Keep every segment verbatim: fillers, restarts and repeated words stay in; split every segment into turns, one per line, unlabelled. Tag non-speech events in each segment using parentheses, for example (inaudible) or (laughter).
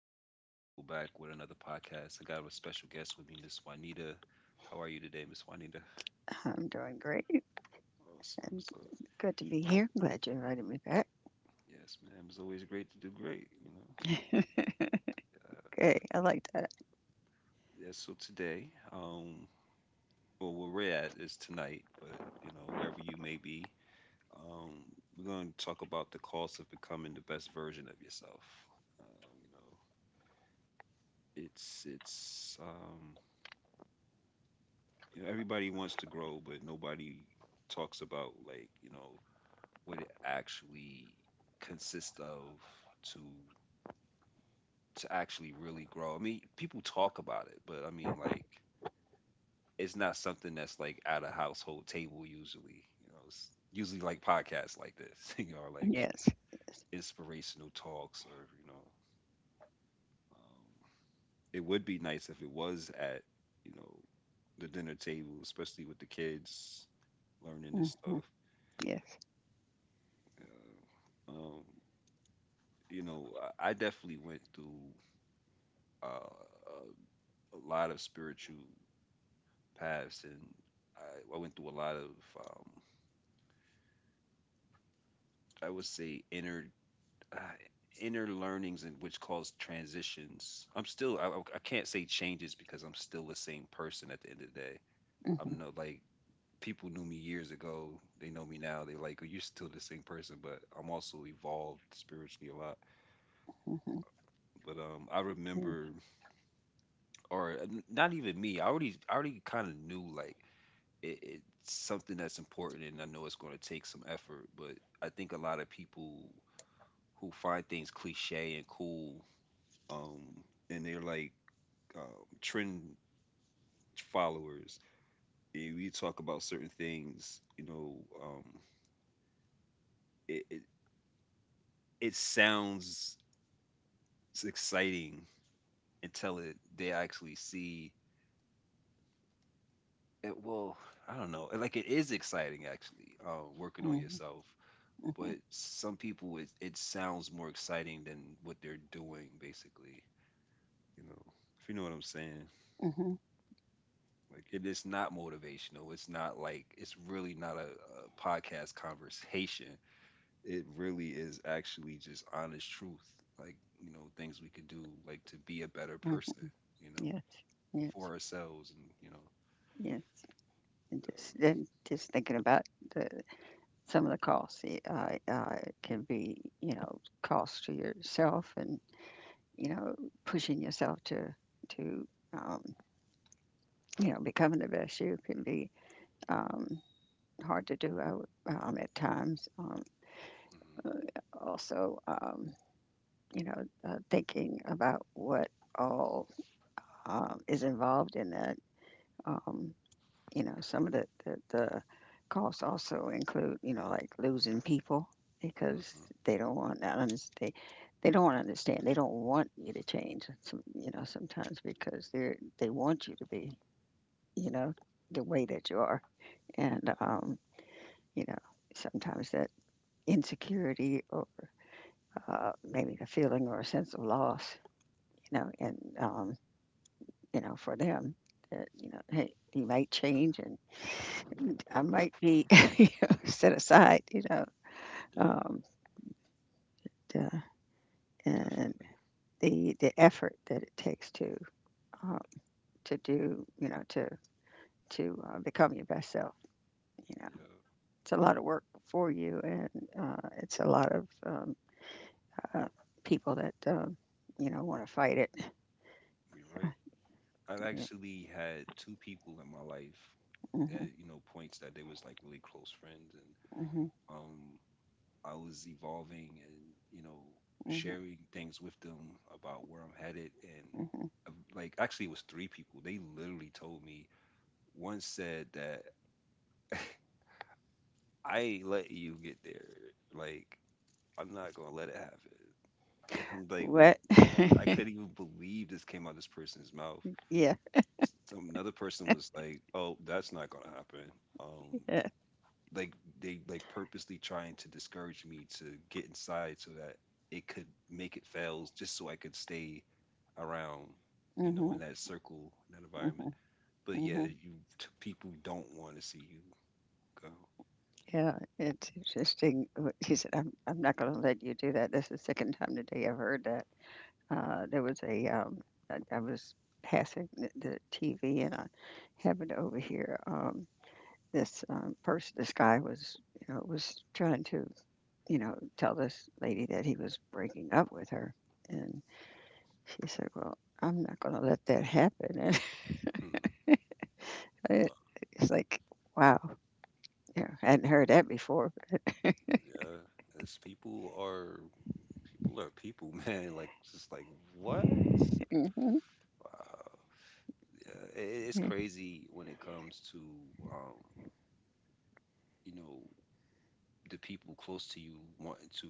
is Rico back with another podcast. I got a special guest with me, Miss Juanita. How are you today, Miss Juanita?
I'm doing great
Awesome.
and
So,
good to be here. Glad you invited me back.
yes, ma'am. It's always great to do great, you know?
(laughs)
Uh,
okay, I like that.
yeah, so today, um, well, where we're at is tonight, but, you know, wherever you may be, um, we're going to talk about the cost of becoming the best version of yourself. Um, you know, it's, it's, um, you know, everybody wants to grow, but nobody talks about like you know what it actually consists of to to actually really grow. I mean, people talk about it, but I mean, like, it's not something that's like at a household table usually. You know, it's usually like podcasts like this, (laughs) you know, like
Yes, yes,
inspirational talks, or you know, um, it would be nice if it was at you know the dinner table, especially with the kids learning this
hmm
stuff.
yes,
Yeah. Um, you know, I I definitely went through uh, a lot of spiritual paths, and I, I went through a lot of, um, I would say, inner uh, inner learnings, and which caused transitions. I'm still, I, I can't say changes because I'm still the same person at the end of the day.
hmm
I'm no, like people knew me years ago. They know me now. They like, oh, you're still the same person, but I'm also evolved spiritually a lot.
hmm
But um, I
yes,
remember, or uh, n- not even me. I already, I already kind of knew like it, it's something that's important, and I know it's going to take some effort. But I think a lot of people who find things cliche and cool, um, and they're like um, trend followers. And we talk about certain things, you know, um, it, it it sounds exciting until it they actually see it. Well, I don't know. Like, it is exciting, actually, uh, working on
hmm
yourself, but some people, it, it sounds more exciting than what they're doing, basically, you know if you know what I'm saying.
hmm
Like, it is not motivational. It's not like it's really not a, a podcast conversation. It really is actually just honest truth, like, you know things we could do, like, to be a better
hmm
person, you know
yes,
for
yes,
ourselves, and you know
yes. And
uh,
just then, just thinking about the some of the costs. It uh, uh, can be, you know, costs to yourself, and you know, pushing yourself to to um, you know becoming the best you can be. Um, hard to do uh, um, at times. Um,
hmm.
uh, also, um, you know, uh, thinking about what all um, is involved in that. Um, you know, some of the, the, the costs also include, you know, like losing people because
Hmm.
they don't want not understand. They don't want to understand. They don't want you to change. Some, you know, sometimes because they are they want you to be, you know, the way that you are, and um, you know, sometimes that insecurity or uh, maybe a feeling or a sense of loss, you know, and, um, you know, for them, that, you know, hey, you might change and I might be (laughs) you know, set aside, you know,
Yeah.
um, to- and
Definitely.
the, the effort that it takes to, uh, to do, you know, to, to uh, become your best self, you know,
Yeah,
it's a lot of work for you and uh, it's a lot of um, uh, people that, um, you know, want to fight it.
you're right.
(laughs)
I've
Yeah.
actually had two people in my life at
hmm
you know points that they was like really close friends, and um, I was evolving, and you know
Mhm,
sharing things with them about where I'm headed, and
mhm.
uh, like, actually it was three people. They literally told me. One said that (laughs) I ain't let you get there. Like, I'm not gonna let it happen. (laughs) And I'm like, wait,
What?
like, I
(laughs)
couldn't even believe this came out of this person's mouth.
Yeah,
Some another person was like, "Oh, that's not going to happen." Um,
yeah.
like, they like purposely trying to discourage me to get inside so that it could make it fails, just so I could stay around, you know, in
Mhm,
that circle, in that environment.
mhm,
But yeah,
mhm.
you t- people don't want to see you go.
Yeah, it's interesting. What He said, "I'm I'm not gonna let you do that." That's the second time today I've heard that. Uh, there was a um, I, I was passing the, the T V and I happened to overhear um this um, person. This guy was you know was trying to you know tell this lady that he was breaking up with her, and she said, "Well, I'm not gonna let that happen." (laughs)
Hmm.
It
Well,
it's like, wow, yeah, I hadn't heard that before.
yeah, it's people are people are people, (laughs) man. Like, just like, what?
Mhm,
Wow. Yeah, it, it's
yeah,
crazy when it comes to, um, you know, the people close to you wanting to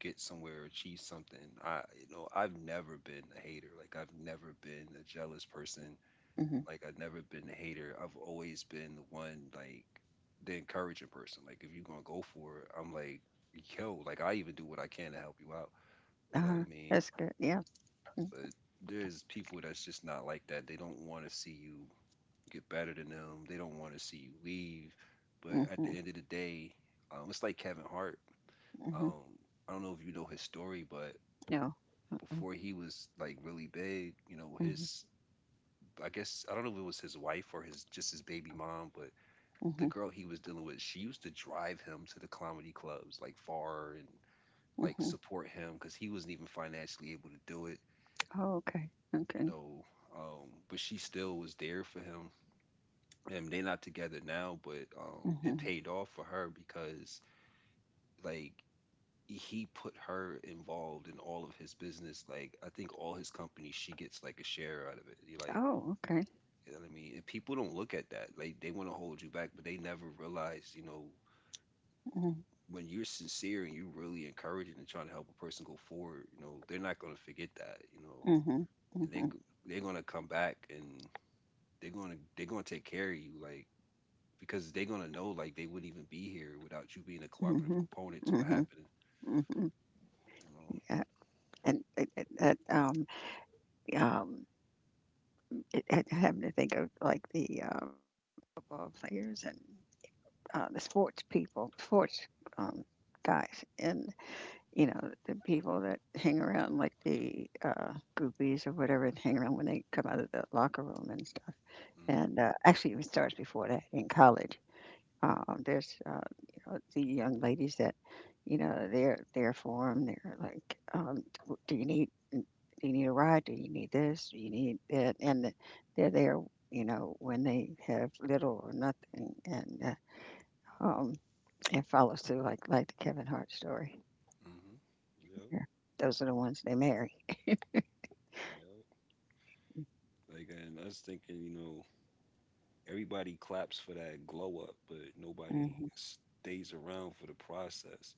get somewhere or achieve something. I you know i've never been a hater. Like, I've never been a jealous person.
mhm,
Like, I've never been a hater. I've always been the one, like, the encouraging person. Like, if you're gonna go for it, I'm like, yo, like, I even do what I can to help you out, you know what
uh-huh,
I mean?
that's good, yeah, mm,
But there's people that's just not like that. They don't want to see you get better than them. They don't want to see you leave. But at
mhm,
the end of the day, um, it's like Kevin Hart.
mhm,
Um, I don't know if you know his story, but
no, uh-uh,
before he was like really big, you know,
mhm,
his I guess I don't know if it was his wife or his just his baby mom, but the
mhm,
girl he was dealing with, she used to drive him to the comedy clubs, like far, and like
mhm,
support him because he wasn't even financially able to do it,
oh, okay, okay,
you know. Um, but she still was there for him, and they're not together now, but um, it
mhm,
paid off for her because, like, he put her involved in all of his business. Like, I think all his companies, she gets like a share out of it. You like,
oh, okay,
you know what I mean? And people don't look at that. Like, they want to hold you back, but they never realize, you know,
mhm,
when you're sincere and you're really encouraging and trying to help a person go forward, you know, they're not gonna forget that, you know,
mhm,
and they
mhm,
they're gonna come back, and they're gonna they're gonna take care of you, like, because they're gonna know, like, they wouldn't even be here without you being a cooperative
mhm,
component to what
mhm,
happened,
mhm,
you know.
yeah, and it, it, that, um, um, it, it happened to think of like the, um, football players and, uh, the sports people, sports, um, guys, and. You know, the people that hang around, like the uh, groupies or whatever, that hang around when they come out of the locker room and stuff.
Mm,
And uh, actually, it starts before that in college. Um, there's uh, you know, the young ladies that, you know, they're there for them. They're like, um, "W- Do you need do you need a ride? Do you need this? Do you need that?" And they're there, you know, when they have little or nothing, and uh, um, it follows through like like the Kevin Hart story.
hmm. Yep.
Yeah. Those are the ones they marry.
Yep. Like, and I was thinking, you know, everybody claps for that glow up, but nobody
Mhm.
stays around for the process.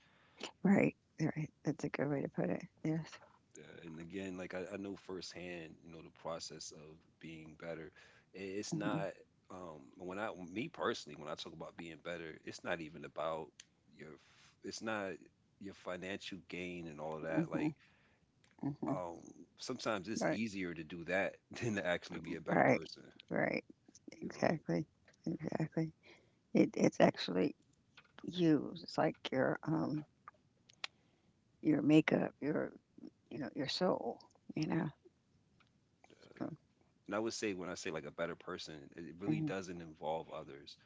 Right, right. That's a good way to put it. Yes.
Uh, and again, like, I, I know firsthand, you know, the process of being better. I- It's
Mhm,
not um when I Me personally, when I talk about being better, it's not even about your. f- It's not your financial gain and all of that.
mhm,
Like,
mhm.
um, sometimes it's
Right,
easier to do that (laughs) than to actually be a better
right,
person.
right.
You know.
Exactly, exactly. It it's actually you. It's like your um your makeup, your you know your soul. You
Hmm.
know. So,
And I would say when I say like a better person, it it really
mhm,
doesn't involve others.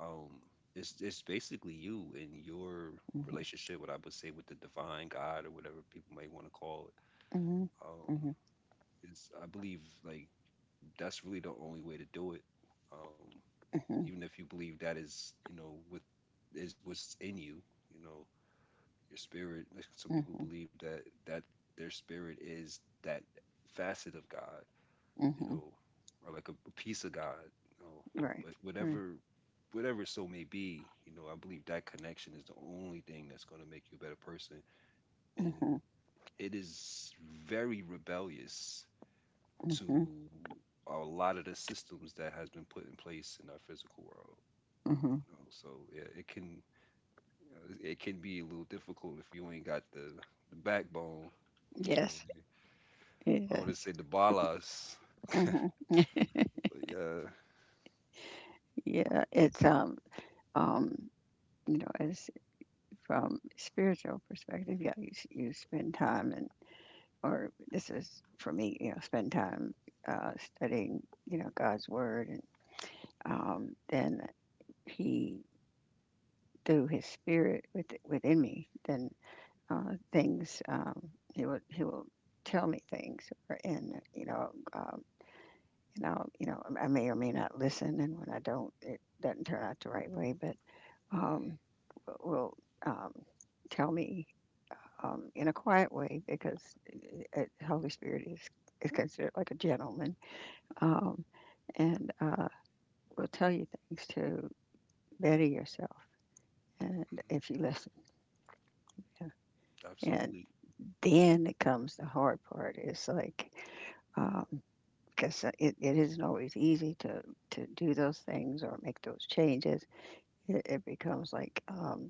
Um, it's it's basically you and your
mhm,
relationship, what I would say, with the divine God or whatever people may want to call it.
mhm,
Um,
mhm,
is I believe like that's really the only way to do it. Um,
mhm,
Even if you believe that is, you know, with is what's in you, you know your spirit. Like, some people
mhm,
believe that that their spirit is that facet of God, you
mhm.
know, or like a, a piece of God, you know.
Right,
But
right.
whatever whatever so may be, you know, I believe that connection is the only thing that's gonna make you a better person. And
Mhm,
it is very rebellious
mhm,
to a lot of the systems that has been put in place in our physical world.
mhm.
You know? So yeah, it can you know, it can be a little difficult if you ain't got the, the backbone. You
Yes,
know, I want to
yes.
say the balas,
Mhm.
but yeah.
Yeah. It's um um you know as from spiritual perspective, yeah, you, you spend time and or this is for me, you know, spend time uh, studying, you know, God's word, and um, then He through His Spirit with, within me, then uh, things um, He will He will tell me things, and you know, um, and I you know, I may or may not listen, and when I don't, it doesn't turn out the right way, but um,
Mhm.
will um, tell me um, in a quiet way because uh, uh, Holy Spirit is, is considered like a gentleman um, and uh, will tell you things to better yourself and
Mhm.
if you listen. Yeah. And
Absolutely.
then it comes the hard part. It's like um, because it, it isn't always easy to, to do those things or make those changes. It, it becomes like um,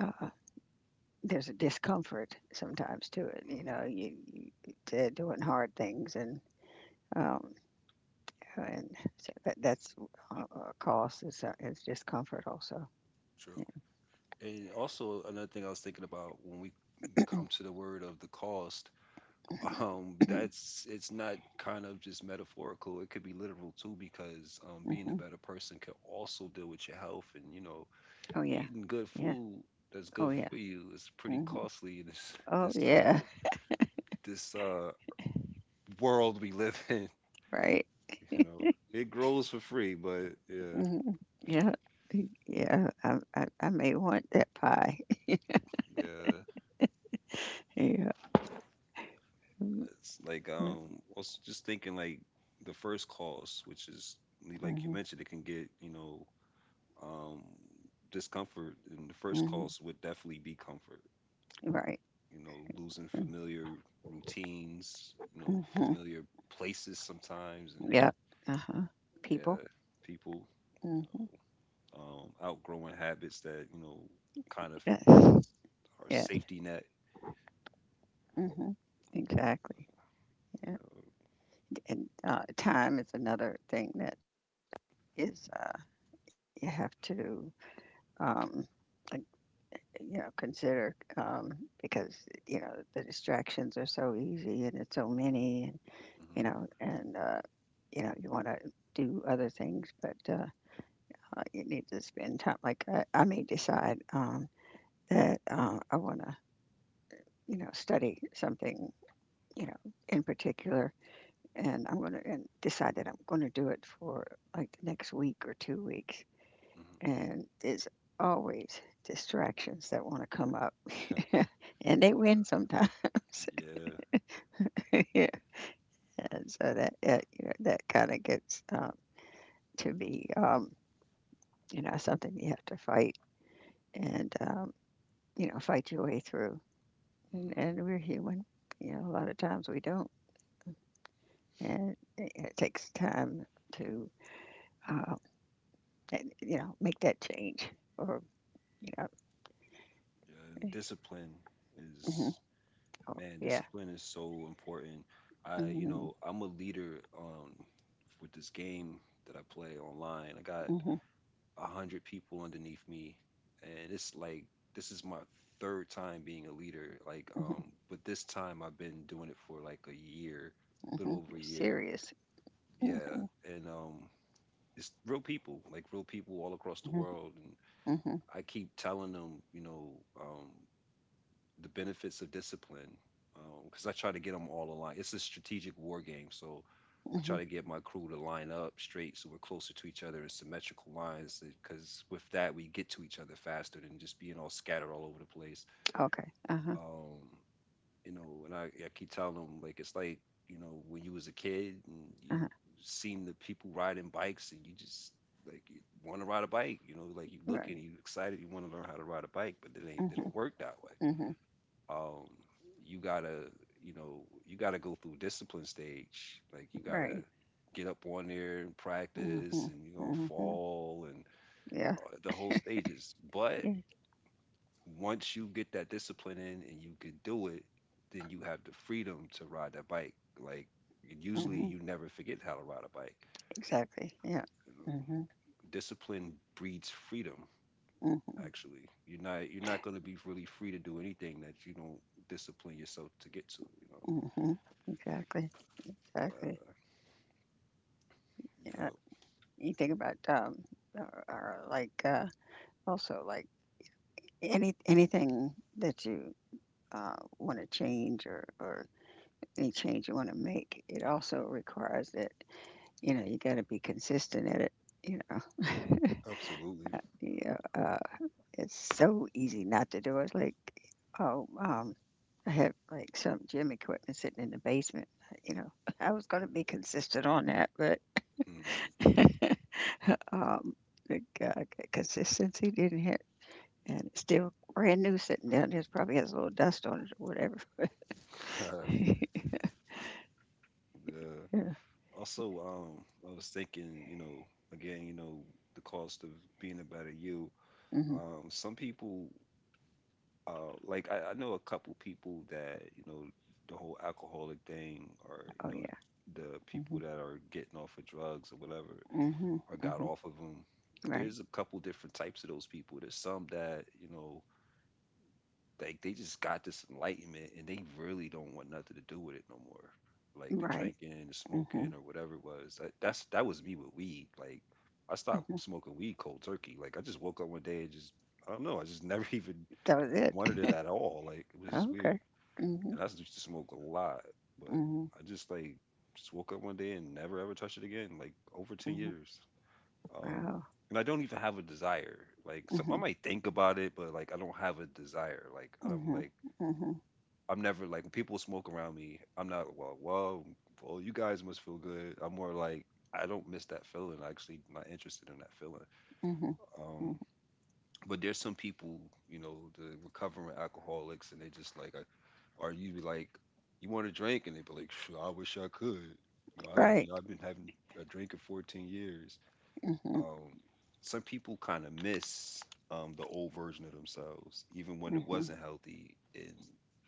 uh, there's a discomfort sometimes to it. You know,
Mm-hmm.
you, you to doing hard things and um, and so that, that's uh, a cost is, uh, is discomfort also.
True. And also another thing I was thinking about when we come to the word of the cost, um, that's it's not kind of just metaphorical. It could be literal too, because um,
Yeah.
being a
hmm
better person can also deal with your health and you know
Oh, yeah.
eating good
Yeah.
food that's
Oh,
good
yeah.
for you is pretty
hmm
costly in this
Oh,
this uh
yeah. (laughs)
this uh world we live in. (laughs)
Right.
You know, it grows for free, but yeah.
hmm Yeah. Yeah. I, I, I may want that pie.
Yeah.
(laughs) Yeah. Mm-hmm.
It's like, um also just thinking, like, the first cause, which is, like, you
hmm
mentioned, it can get, you know, um discomfort, and the first
hmm
cause would definitely be comfort.
Right.
You know, losing familiar routines, you know,
Mm-hmm.
familiar places sometimes, and
Yeah. Uh huh. People.
yeah, people, you
Mm-hmm.
know, um outgrowing habits that, you know, kind of was
Yes.
our
Yes.
safety net,
hmm Exactly.
you
Yeah.
know.
And uh, time is another thing that is uh, you have to um, like, you know, consider um, because you know the distractions are so easy and it's so many, and you know, and uh, you know, you want to do other things, but uh, uh, you need to spend time. Like I, I may decide um, that uh, I want to, you know, study something, you know, in particular, and I'm gonna and decide that I'm going to do it for like the next week or two weeks
Hmm.
and there's always distractions that want to come up,
Hmm.
(laughs) and they win sometimes.
(laughs) Yeah.
(laughs) Yeah, and so that, that you know that kind of gets um, to be um, you know something you have to fight and um, you know fight your way through. And
Mm-hmm.
and we're human. You know, a lot of times we don't, and it, it takes time to uh, and, you know make that change or you know.
And discipline
Mhm.
is,
Oh
man,
yeah.
discipline is so important. I, you
hmm
know, I'm a leader um with this game that I play online. I got
hmm
a hundred people underneath me, and it's like this is my third time being a leader. Like, um, but this time I've been doing it for like a year, little
Mhm.
over
You're
a year.
serious.
Yeah,
Mhm,
and um, it's real people, like real people all across the
mhm,
world, and
mhm,
I keep telling them, you know, um, the benefits of discipline because um, I try to get them all aligned. It's a strategic war game, so I try
mhm.
to get my crew to line up straight so we're closer to each other in symmetrical lines. Because with that, we get to each other faster than just being all scattered all over the place.
Okay. Uh-huh,
Um, you know, and I, I keep telling them, like, it's like, you know when you was a kid and you
uh-huh.
seen the people riding bikes and you just, like, you want to ride a bike. You know, like you look and
Right.
you excited, you want to learn how to ride a bike, but it ain't it
Mhm,
don't work that way.
mhm.
Um you gotta you know you gotta go through discipline stage, like you gotta
Right.
get up on there and
Mhm,
practice, and you're gonna
mhm.
fall and
Yeah.
uh, the whole stages. But
Yeah.
once you get that discipline in and you can do it, then you have the freedom to ride that bike, like, and usually
Mhm.
you never forget how to ride a bike.
Exactly. Yeah.
you know
Mhm,
Discipline breeds freedom.
mhm,
Actually, you're not you're not going to be really free to do anything that you don't discipline yourself to get to you
mhm. Exactly.
know
Exactly.
yeah
Yeah. You think about, um, or, or like, uh, also like any anything that you uh, want to change or or any change you want to make, it also requires that you know, you gotta be consistent at it, you know? (laughs)
Absolutely.
Yeah, uh, it's so easy not to do it, like, oh, um, I have, like, some gym equipment sitting in the basement, you know? (laughs) I was gonna be consistent on that, but,
Mhm.
(laughs) um, the, uh, consistency didn't hit, and it's still brand new sitting down there. It probably has a little dust on it or whatever.
(laughs)
(laughs)
Yeah.
Yeah.
Also, um, I was thinking, you know, again, you know, the cost of being a better you.
Mhm.
Um, some people, uh, like I, I know a couple people that, you know, the whole alcoholic thing, or you
Oh,
know,
yeah.
the, the people
Mhm.
that are getting off of drugs or whatever,
Mhm.
or got
Mhm.
off of them.
Right.
There's a couple different types of those people. There's some that, you know, like they just got this enlightenment and they really don't want nothing to do with it no more. Like the
Right.
drinking, the smoking, or
Mhm.
whatever it was. That, that's that was me with weed. Like I stopped
Mhm.
smoking weed cold turkey. Like I just woke up one day and just, I don't know. I just never (laughs) even
That was it.
wanted it
(laughs)
at all. Like it was weird.
Okay. Mhm.
And I used to smoke a lot, but
Mhm.
I just, like, just woke up one day and never ever touched it again. Like over ten
Mhm.
years. Um,
Wow.
and I don't even have a desire. Like some, I
Mhm.
might think about it, but like I don't have a desire. Like I don't,
Mhm.
like,
Mhm.
I'm never, like, when people smoke around me, I'm not, well. Well, well, you guys must feel good. I'm more like, I don't miss that feeling. I actually not interested in that feeling.
Mhm. Mhm.
Um, but there's some people, you know, the recovering alcoholics, and they just like, are you, like, you want a drink? And they be like, sure, I wish I could. You know, I have
Right.
I've been having a drink in fourteen years.
Mhm.
Um, some people kind of miss um, the old version of themselves, even when it
Mhm.
wasn't healthy, and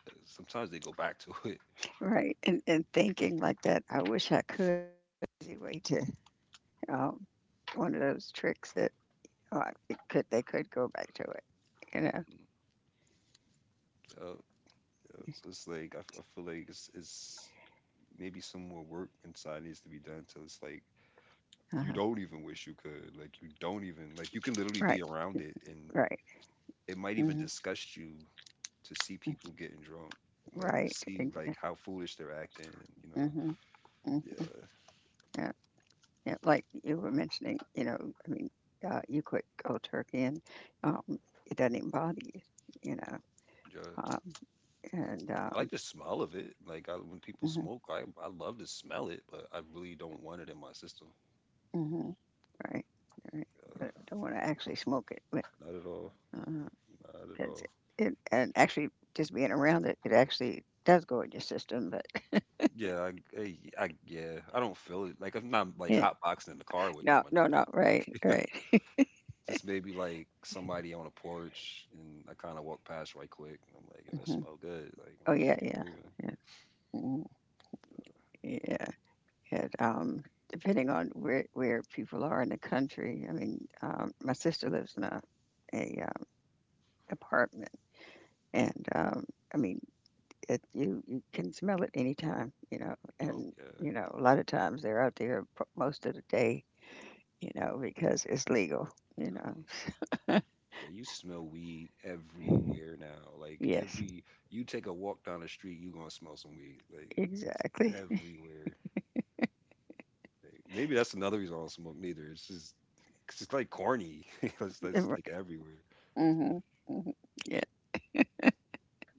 uh, sometimes they go back to (laughs) it.
Right. And and thinking like that, I wish I could. Easy way to um, one of those tricks that oh, I- it could they could go back to it. You know.
Mhm. Yup, yup. So it's like I, f- I feel like it's, it's maybe some more work inside needs to be done till it's like you
Uh-huh.
don't even wish you could. Like you don't even, like, you can literally
Right.
be around it and
Right.
it might even
Mhm.
disgust you to see people getting drunk. Like to
Right.
see, like,
Exactly.
how foolish they're acting, and you know,
Mhm. Mhm.
yeah.
Yeah, like you were mentioning, you know, I mean, uh, you quit cold turkey and um, it doesn't even bother you, you know.
Yeah.
Um, and
I like
um,
the smell of it. Like I, when people
hmm
smoke, I I love to smell it, but I really don't want it in my system.
hmm right, right.
Uh,
Don't, don't want to actually smoke it, but
not at all.
uh,
Not at
'cause it,
all.
it, and actually just being around it, it actually does go in your system. But
Yeah, I, I, I, yeah, I don't feel it. Like I'm not
(laughs)
like
yeah,
hot boxing in the car with them
no,
or
no, no,
nothing.
right, right. (laughs)
Just maybe like somebody on a porch, and I kind of walk past right quick, and I'm like, yo, that
hmm
smell good. Like, and
Oh
I
yeah,
just keep it
yeah,
moving.
yeah, mm, yeah. It um, depending on where where people are in the country. I mean, um, my sister lives in a a um, apartment, and um, I mean, it, you you can smell it anytime, you know,
Oh
and
yeah,
you know a lot of times they're out there p- most of the day, you know, because it's legal, you know.
hmm, yeah. You smell weed everywhere now. Like
Yes,
every, you take a walk down the street, you gonna smell some weed. Like, it's
exactly.
everywhere. Like, maybe that's another reason I don't smoke neither. It's just, 'cause it's like corny. (laughs) It's,
(laughs)
it's
Mm-hmm,
like everywhere.
hmm yeah,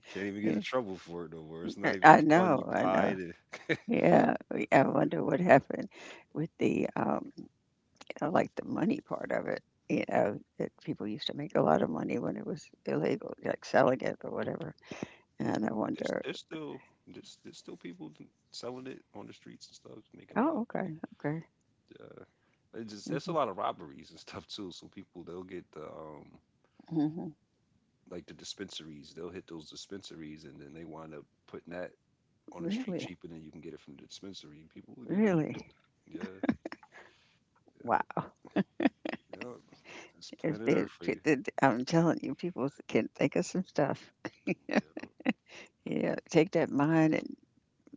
Can't even get in
yeah.
trouble for it no more. It's not
I
even
I
fun to
know, I know.
hide it.
Yeah, we- I wonder what happened with the um, I like the money part of it, you know, that people used to make a lot of money when it was illegal, like selling it or whatever, and I
There's there's
wonder
still there's there's still people selling it on the streets and stuff, making a lot of
oh,
money.
okay, okay.
Uh, it just that's a
Mhm,
lot of robberies and stuff too. So people, they'll get the um
mhm.
like the dispensaries, they'll hit those dispensaries and then they wind up putting that on the street
Really?
cheaper than you can get it from the dispensary. And people will get it.
Really?
Yeah,
Wow.
yeah. It's
If
planet
they
Earth for
if
you.
they I'm telling you, people can think of some stuff.
Yeah,
Yeah, take that mind and,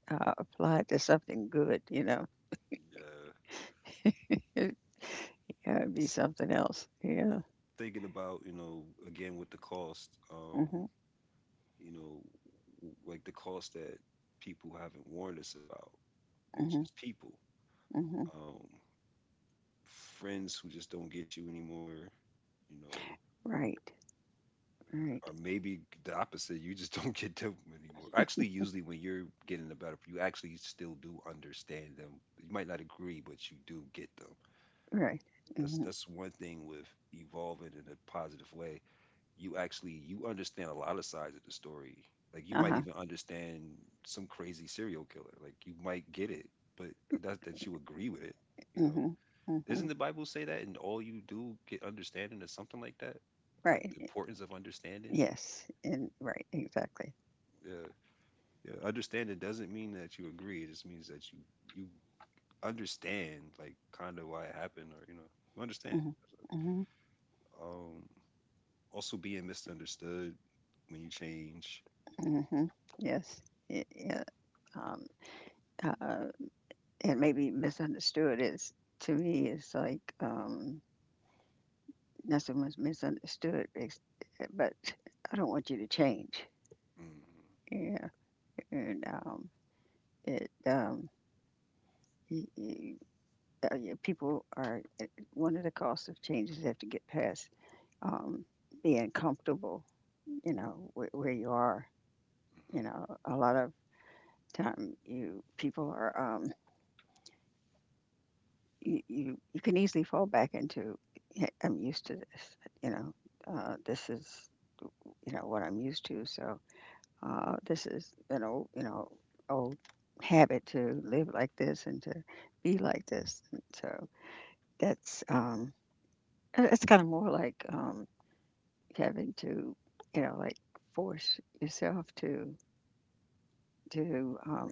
uh, apply it to something good, you know?
yeah.
It it'd be
Just
something else. Yeah.
thinking about, you know, again with the cost. Um,
Mhm,
you know, w- like the cost that people haven't warned us about, which
mhm,
is people,
mhm.
um, friends who just don't get you anymore, you know,
Right, right,
or maybe the opposite, you just (laughs) don't get them anymore. Actually, usually when you're getting the better, you actually still do understand them. You might not agree, but you do get them.
right.
That's
Mhm.
that's one thing with evolving in a positive way. You actually, you understand a lot of sides of the story. Like you might
Uh-huh.
even understand some crazy serial killer. Like you might get it, but not that you agree with it. You know,
Mhm,
doesn't
mhm.
the Bible say that? And all you do get understanding or something like that. Like
Right,
the
y
importance of understanding.
yes, and right, exactly.
Yeah, yeah. Understanding doesn't mean that you agree. It just means that you, you understand, like, kind of why it happened, or you know, you understand.
Mhm, mhm,
Um, also being misunderstood when you change.
mhm, yes, y yeah, um, uh, and maybe misunderstood is to me, is like, um, not so much misunderstood, it's but I don't want you to change,
Hmm.
yeah, and, um, it, um, y y uh, yeah, people are uh, one of the costs of changes. Have to get past, um, being comfortable, you know, where where you are. You
Hmm.
know, a lot of time, you people are um, you, you you can easily fall back into, "Hey, I'm used to this, you know uh, this is, you know what I'm used to, so uh, this is an old, you know old habit, to live like this and to be like this." And so that's um, uh, it's kind of more like, um, having to, you know like, force yourself to to um,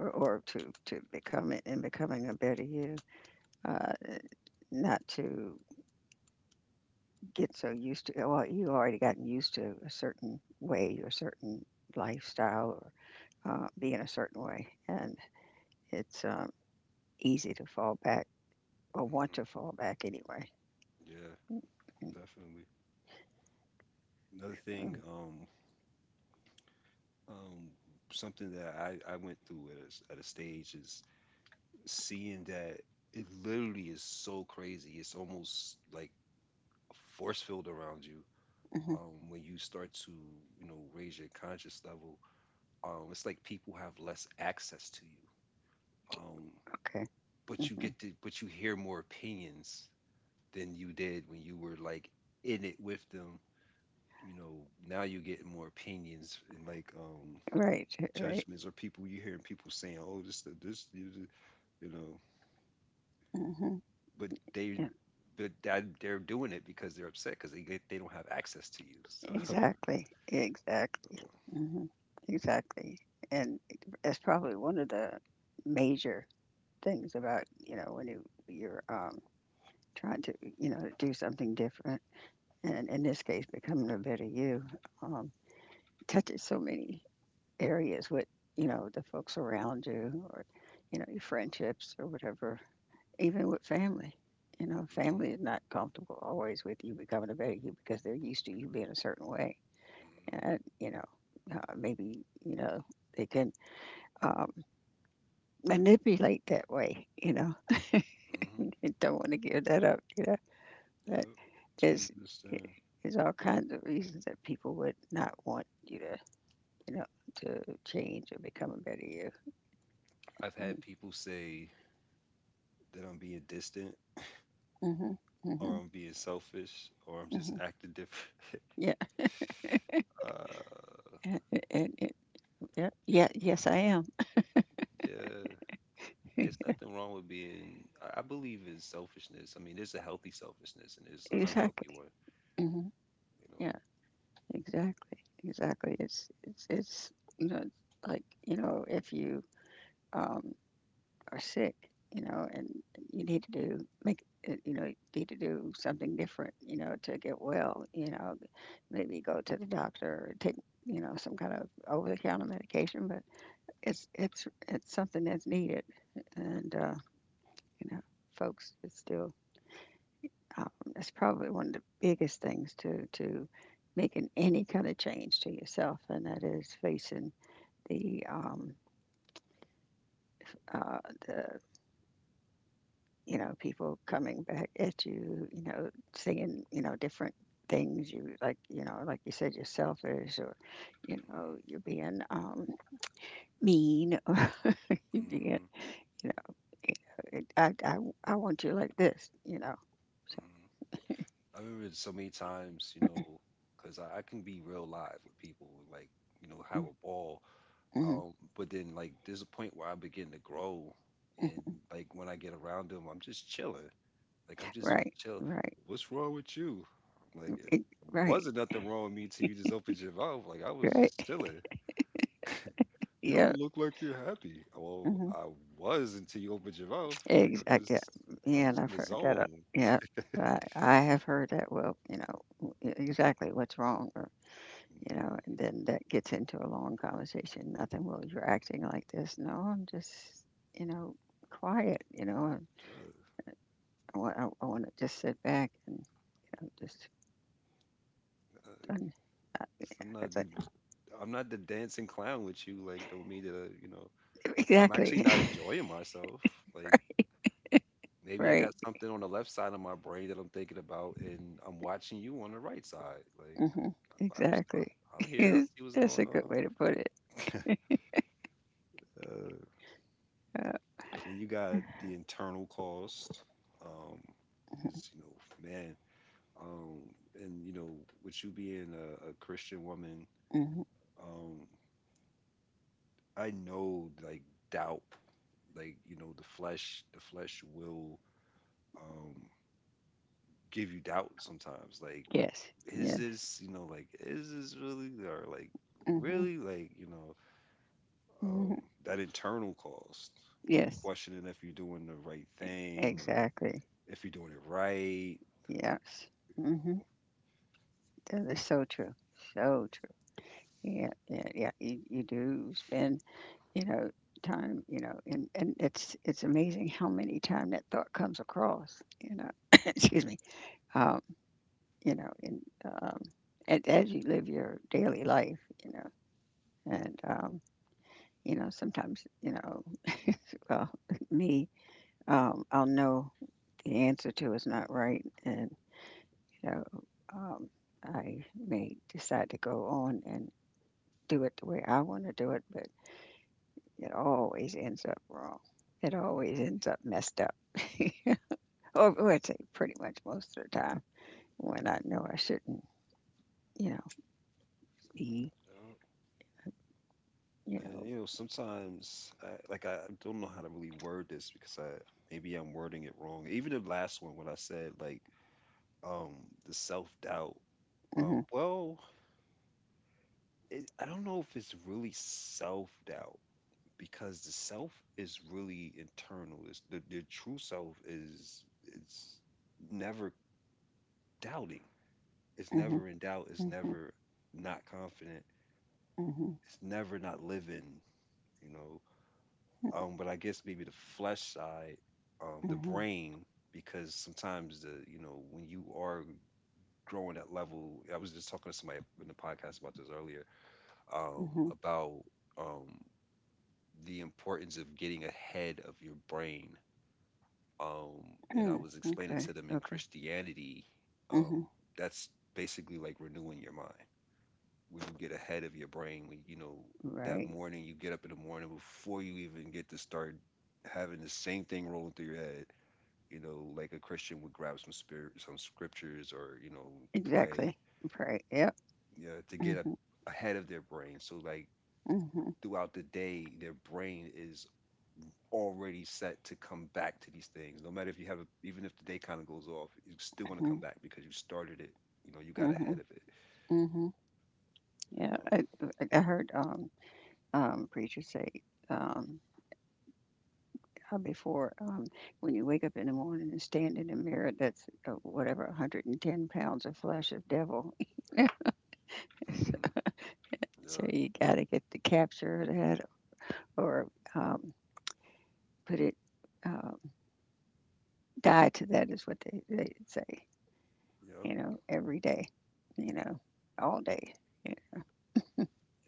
or, or to to become it, and becoming a better you. uh, Not to get so used to, well, you have already gotten used to a certain way or certain lifestyle, or uh, be in a certain way. And it's um, easy to fall back, or want to fall back anyway.
Yeah,
Mm-hmm.
definitely. Another thing, um, um, something that I, I went through at a, s- at a stage is seeing that it literally is so crazy. It's almost like a force field around you.
Mm-hmm.
Um, when you start to, you know, raise your conscious level, um, it's like people have less access to you. Um,
Okay.
but you
Hmm.
get to, but you hear more opinions than you did when you were, like, in it with them. You know, now you get more opinions and, like, um,
Right, right.
judgments, or people, you hearing people saying, "Oh, this, this, you know,"
Hmm.
but they,
Yeah,
but that they're doing it because they're upset because they they don't have access to you. So, (laughs)
exactly, exactly. Hmm. Exactly. And that's probably one of the major things about, you know when you, you're um, trying to, you know do something different, and in this case, becoming a better you. um, Touches so many areas with, you know, the folks around you, or, you know, your
mm-hmm,
friendships, or whatever, even with family. You know, family is not comfortable always with you becoming a better you, because they're used to you being a certain way.
mm-hmm,
And, you know, uh, maybe, you know, they can um, manipulate that way, you know. (laughs)
mm-hmm,
They don't want to give that up, you know.
yep,
But
totally
there's, eh,
understand.
there's all kinds of reasons that people would not want you to, you know, to change and become a better you.
I've
And.
had people say that I'm being distant
Hmm. Hmm.
or I'm being selfish or I'm just
Hmm.
acting different.
Yeah.
(laughs) Uh,
And, and, and yeah, yeah, yes, I am.
yeah, it's
(laughs)
nothing wrong with being. I I believe in selfishness. I mean, there's a healthy selfishness and there's an unhealthy
Exactly.
one.
Hmm.
You
Yeah,
know.
exactly, exactly. It's it's it's, you know, like, you know, if you um are sick, you know, and you need to do, make uh, you know need to do something different, you know, to get well. You know, maybe go to the doctor, or take, you know some kind of over the counter medication. But it's it's it's something that's needed. And uh, you know, folks, it's still um, that's probably one of the biggest things to to making any kind of change to yourself, and that is facing the um, uh, the, you know people coming back at you, you know, saying, you know different things, you like, you know like you said, you're selfish, or you know
hmm
you're being um, mean (laughs) or you're being,
hmm
you know, you know it, I, I, I want you like this, you know.
hmm I remember it so many times, you know, because I, I can be real live with people and, like, you know, have
Mm,
a ball.
mhm.
Um, but then, like, there's a point where I begin to grow, and like when I get around them, I'm just chilling. Like, I'm just
Right,
chill.
right.
What's wrong with you? I'm like, it
It right,
wasn't nothing wrong with me till you just opened your mouth. Like, I was just
right.
chilling. You
Yeah.
don't look like you're happy. Well,
Mhm.
I was until you opened your mouth. Like, I'm
Exact yeah.
just, I'm
Yeah, and
just in
I've
the
heard that, uh
zone.
yeah. I I have heard that, well, you know, w e exactly what's wrong, or, you know.
Mm,
And then that gets into a long conversation. Nothing. "Well, you're acting like this." "No, I'm just, you know, quiet, you know, and
duh.
I want, I I wanna just sit back, and, you know, just
uh,
un—" I I
Just- I'm not the I'm not the dancing clown with you. Like, don't mean to, you know,
(laughs)
I'm actually
exactly.
not enjoying myself. Like,
(laughs)
maybe I
Right.
got something on the left side of my brain that I'm thinking about, and I'm watching you on the right side. Like,
Mhm.
I'm st-
Exactly.
I'm
(laughs)
here. I
Yes.
see what's
That's
going
a good
on.
way to put it.
Uh,
Uh,
then you got the internal cost. Um, is, you know, man. Um, and you know, with you being a, a Christian woman,
mhm.
um, I know, like, doubt, like, you know the flesh, the flesh will um give you doubt sometimes. Like,
Yes.
is
Yes.
this, you know, like, is this really, or, like,
Mhm.
really, like, you know
Mhm.
um that internal cost, you know,
Yes.
questioning if you're doing the right thing or
Exactly.
if you're doing it right, you
Yes. Mhm.
know.
That is so true. So true. Yeah. Yeah. Yeah. You, you do spend, you know time, you know. And and it's it's amazing how many time that thought comes across, you know. (coughs)
Mhm,
Excuse me. um you know. And um and as you live your daily life, you know. And um you know, sometimes, you know, (laughs) well, me, um, I'll know the answer to is not right, and, you know, um, I may decide to go on and do it the way I want to do it, but it always ends up wrong. It always
mhm.
ends up messed up. (laughs) Or,
Yeah.
well, I'd say pretty much most of the time, when I know I shouldn't, you know, be,
Yeah.
you know.
And you know, sometimes I, like, I don't know how to really word this because I maybe I'm wording it wrong. Even the last one when I said, like, um the self doubt. Um,
Hmm.
well, it, I don't know if it's really self doubt because the self is really internal. It's, the the true self is, it's never doubting. It's
Hmm.
never in doubt. It's
Hmm.
never not confident.
Hmm.
It's never not living. You know. Um, but I guess maybe the flesh side, um, the
Hmm.
brain, because sometimes the you know when you are growing at level, I was just talking to somebody in the podcast about this earlier, um,
Hmm.
about um, the importance of getting ahead of your brain. Um, and I
Hmm.
was explaining
Okay.
to them in
Okay.
Christianity, um,
Hmm.
that's basically like renewing your mind, where you get ahead of your brain when, you know that
Right.
morning, you get up in the morning before you even get to start having the same thing rolling through your head. You know like a Christian would grab some spirit, some scriptures, or, you know pray,
Exactly. Right. Yep.
yeah, to get a,
Mhm.
ahead of their brain, so, like,
Mhm.
throughout the day their brain is already set to come back to these things, no matter if you have a, even if the day kind of goes off, it's still going to come
Mhm.
back because you started it you know You got ahead
Mhm.
of it
Mhm.
you know
Yeah. I I I heard um um preachers say um how, before, um when you wake up in the morning and stand in the mirror, that's uh, whatever, a hundred and ten pounds of flesh of devil. (laughs)
hmm. Yeah.
So you got to get to capture that, or um put it, um die to that, is what they they say. You
Yeah.
know, every day. You know, all day. Yeah.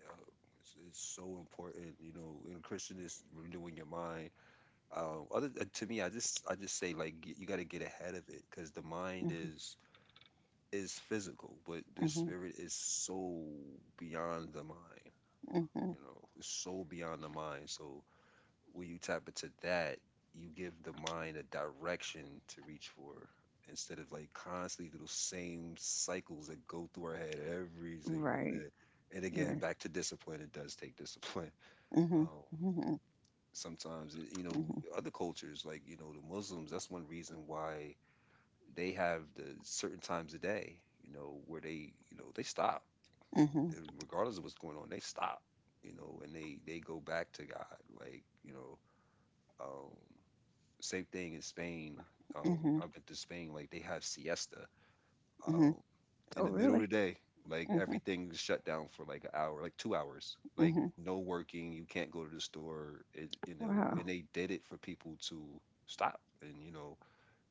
Yup. It's, it's so important, you know. In Christian is renewing your mind. Um, other, uh, to me, I just I just say, like, get, you got to get ahead of it because the mind
Mhm.
is is physical, but the
Mhm.
spirit is so beyond the mind.
Mhm.
You know, it's so beyond the mind. So when you tap into that, you give the mind a direction to reach for instead of like constantly those same cycles that go through our head every single
Right.
day. And again,
Right.
back to discipline, it does take discipline
Mhm.
um,
Mhm.
sometimes. And, you know,
Mhm.
other cultures like you know the Muslims, that's one reason why they have the certain times of day, you know, where they, you know, they stop,
Mhm.
and regardless of what's going on they stop, you know, and they they go back to God, like, you know. um, Same thing in Spain. um,
Mhm.
I've been to Spain, like they have siesta.
Mhm.
Um, in
Oh,
the middle of
really?
the day, like
Mhm.
everything's shut down for like an hour, like two hours. Like
Mhm.
no working, you can't go to the store. It, you know,
Wow.
and they did it for people to stop. And you know,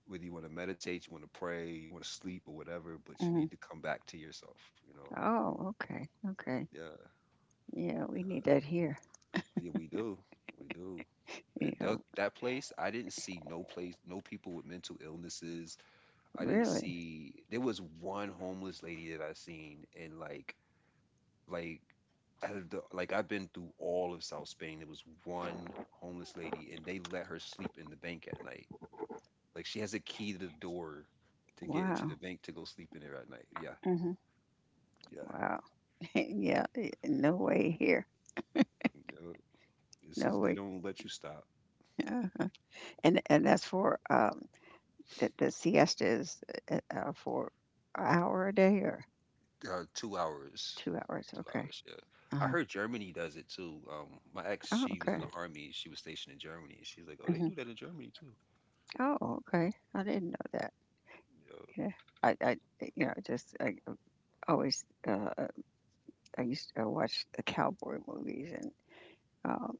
whether you want to meditate, you want to pray, you want to sleep or whatever, but you
Mhm.
need to come back to yourself. You know,
Oh, okay. Okay.
yeah,
Yeah, we need that here.
yeah, we do, we do. It,
Yeah.
that that place, I didn't see no place, no people with mental illnesses. I didn't
Really?
see. There was one homeless lady that I seen, and like like out of the like I've been through all of South Spain. There was one homeless lady, and they let her sleep in the bank at night. Like she has a key to the door to get into the
Wow.
bank to go sleep in there at night. Yeah,
Mhm.
yeah.
Wow. (laughs) Yeah. eh, No way here.
Yeah. This
No
is they
way.
don't let you stop.
(laughs) Uh-huh. And and that's for um the the siesta is uh, uh, for an hour a day, or
Uh, two hours,
two hours.
two
Okay.
hours. Yeah,
Uh
I
huh.
heard Germany does it too. Um, my ex,
Oh,
she was in
okay.
the army. She was stationed in Germany, and she's like, "Oh, they
Hmm.
do that in Germany too."
Oh, okay, I didn't know that. Yeah, I, I, eh, you know, just I uh, always uh, I used to watch the cowboy movies and, um,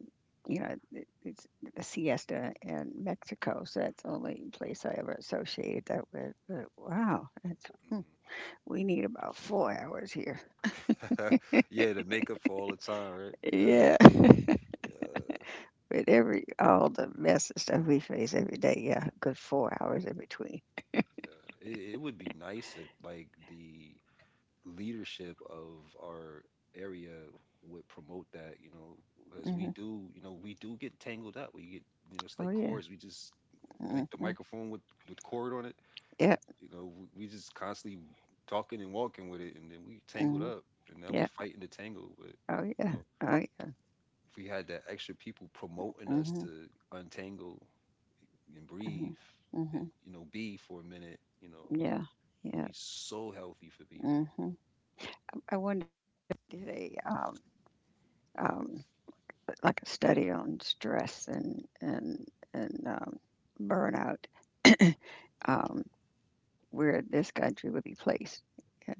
you know, it, it's the siesta in Mexico, so that's the only place I ever associated that with. But wow, that's—
Yeah,
Hmm, we need about four hours here.
mhm. (laughs) Yeah, the makeup for all the time, right? Yeah,
Yeah,
yeah.
(laughs) with every, all the mess and stuff we face every day, yeah, a good four hours in between.
Uh, it, it would be nice if like the leadership of our area would promote that, you know, as we
Hmm.
do, you know, we do get tangled up. We get, you know, it's
Oh
like
yeah.
cords. We just like the
Hmm,
microphone with with cord on it.
yeah.
You know, we, we just constantly talking and walking with it, and then we tangled
Hmm,
up, and now we
yeah.
fighting the tangle. But
Oh
you
yeah.
know,
Oh yeah.
if we had that extra people promoting us
Hmm.
to untangle and breathe,
Hmm.
and
Hmm.
you know, be for a minute, you know,
Yeah,
would
yeah.
be so healthy for people.
Hmm. I wonder, did a um, um, like a study on stress and and and um, burnout, um, where this country would be placed.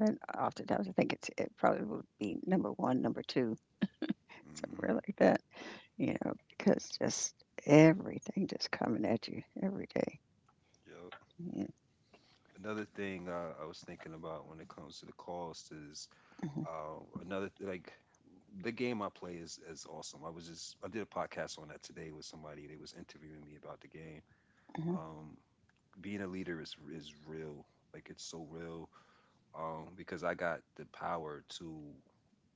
And oftentimes, I think it's, it probably would be number one, number two, somewhere
Mm-hmm.
like that. You know, because just everything just coming at you every day.
Yep.
Yeah.
Another thing uh, I was thinking about when it comes to the cost is
Hmm.
uh, another like the game I play is is awesome. I was just I did a podcast on that today with somebody. They was interviewing me about the game.
Hmm.
Um, Being a leader is is real. Like it's so real. Um, because I got the power to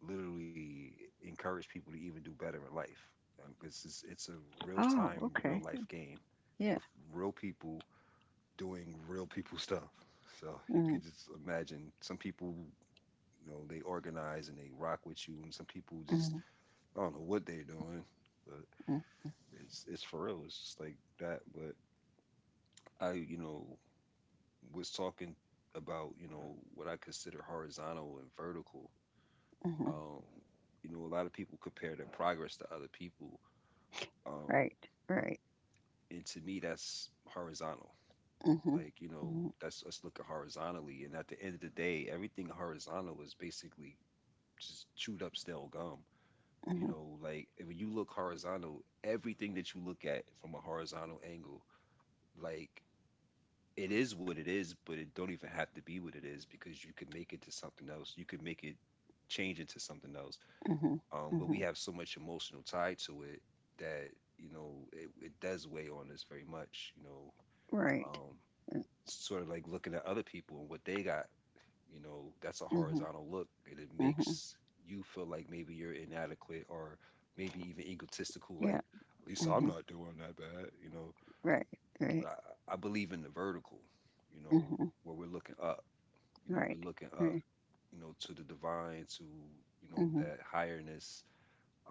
literally encourage people to even do better in life. Um, 'cause it's it's a real
Oh,
time, real
okay.
life game
Yeah.
with real people doing real people stuff. So you
Mm-hmm.
could just imagine some people, you know, they organize and they rock with you, and some people just
Mm-hmm.
I don't know what they're doing, but
Mm-hmm.
it's it's for real. It's just like that. But I, you know, was talking about you know what I consider horizontal and vertical.
Mm-hmm.
Um, you know, a lot of people compare their progress to other people, um,
Right. Right.
and to me, that's horizontal,
Hmm.
like you know
Hmm.
that's us looking horizontally, and at the end of the day everything horizontal is basically just chewed up stale gum. You
Hmm.
know, like when you look horizontal, everything that you look at from a horizontal angle, like it is what it is, but it don't even have to be what it is because you could make it to something else. You could make it change into something else.
Mhm.
Um, but we
Mhm.
have so much emotional tie to it that you know it, it does weigh on us very much. You know,
Right.
um,
Uh.
sort of like looking at other people and what they got. You know, that's a
Mhm.
horizontal look, and it
Mhm.
makes you feel like maybe you're inadequate or maybe even egotistical.
Yeah.
Like, at least I'm
Mhm.
not doing that bad. You know,
Right. Right.
I, I believe in the vertical. You know,
Mhm.
where we're looking up. You know,
Right.
we're looking up.
Right.
You know, to the divine, to you know
Mhm.
that higherness.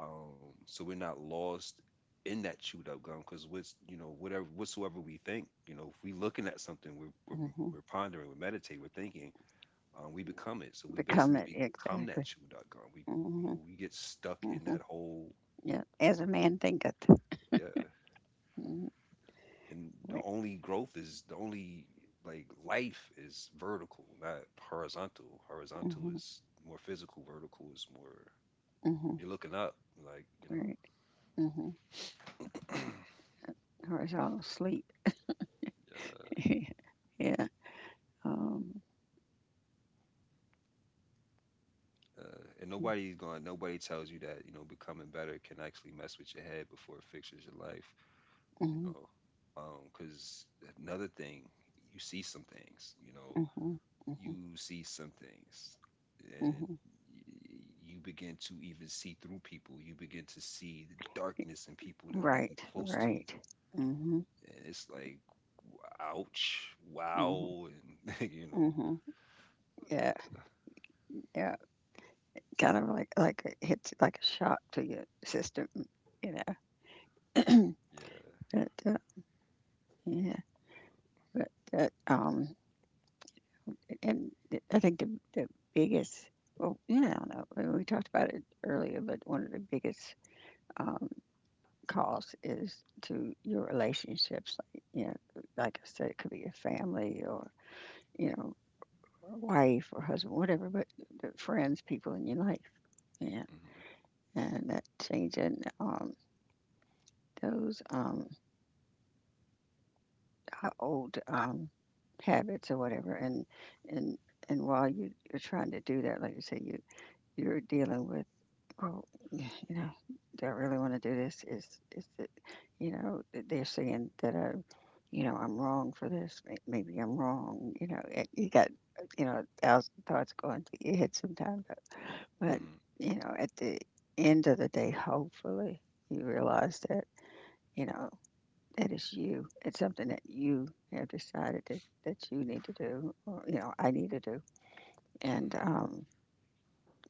Um, so we're not lost in that chewed up gum because what's you know whatever whatsoever we think, you know, if we looking at something we're, we're
Mhm.
we're pondering, we're meditating, we're thinking, um, we become it. So we
Become
basically
it,
become that
exactly.
chew dot com. We, you know,
Mhm.
we get stuck in
Mhm.
that whole,
Yeah. As a man thinketh.
yeah.
Mhm.
And the
Wait.
only growth is the only like life is vertical, not horizontal. Horizontal
Mhm.
is more physical. Vertical is more
Mhm.
you're looking up, like you know.
Right. Mhm. Yeah.
(clears throat)
Horizontal sleep.
uh,
(laughs) Yeah. Um.
uh, and nobody's going. Nobody tells you that you know becoming better can actually mess with your head before it fixes your life. You
Mhm.
know, because another thing, you see some things. You know,
Mhm. Mhm.
you see some things and
Mhm.
y- you begin to even see through people. You begin to see the darkness in people that are even
Right.
close to you.
Right. Mhm.
And it's like, ouch,
Mhm.
wow. And, (laughs) you know,
Mhm. Yeah. Yeah. Kind of like like it hits like a shock to your system, you know.
yeah.
(clears throat) But uh, yeah.
Yeah.
But that, um, and I think the the biggest, well, yeah, I don't know. I mean, we talked about it earlier, but one of the biggest um costs is to your relationships. Like, you know, like I said, it could be your family, or, you know, or wife or husband, whatever. But the friends, people in your life, yeah,
Mm-hmm.
and that changing um those um uh, old um, habits or whatever. And, and and while you, you're trying to do that, like you say, you, you're dealing with, oh, you know, do I really want to do this? Is is it, you know, th- they're saying that I, you know, I'm wrong for this. May- Maybe I'm wrong. You know, eh, you got, you know, a thousand thoughts going through your head sometimes. But but
Mm-hmm.
you know, at the end of the day, hopefully you realize that, you know, that is you. It's something that you have decided, that, that you need to do, or, you know, I need to do.
Mm-hmm.
And um,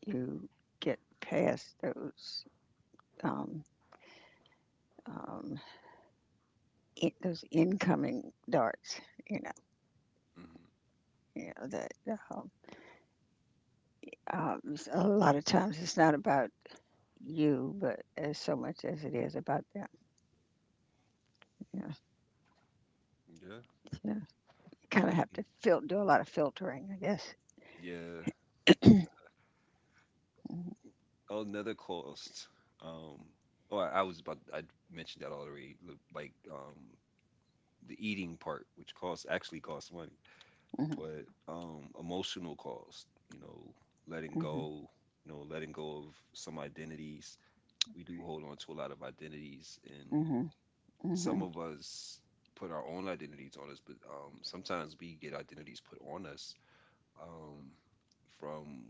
you get past those um, um, in, those incoming darts, you know.
Mm-hmm.
You know that, um, um, s- a lot of times, it's not about you, but as so much as it is about them. You know.
Yeah,
Yeah. You kind of have to
definitely.
fil- do a lot of filtering, I guess.
Yeah.
Hmm.
Oh, another cost. Um, oh, I, I was about, I mentioned that already. l- Like, um, the eating part, which costs actually costs money. But um emotional cost, you know, letting go,
Hmm.
you know, letting go of some identities. We do hold on to a lot of identities, and
Hmm.
some
Hmm.
of us put our own identities on us, but um sometimes we get identities put on us um from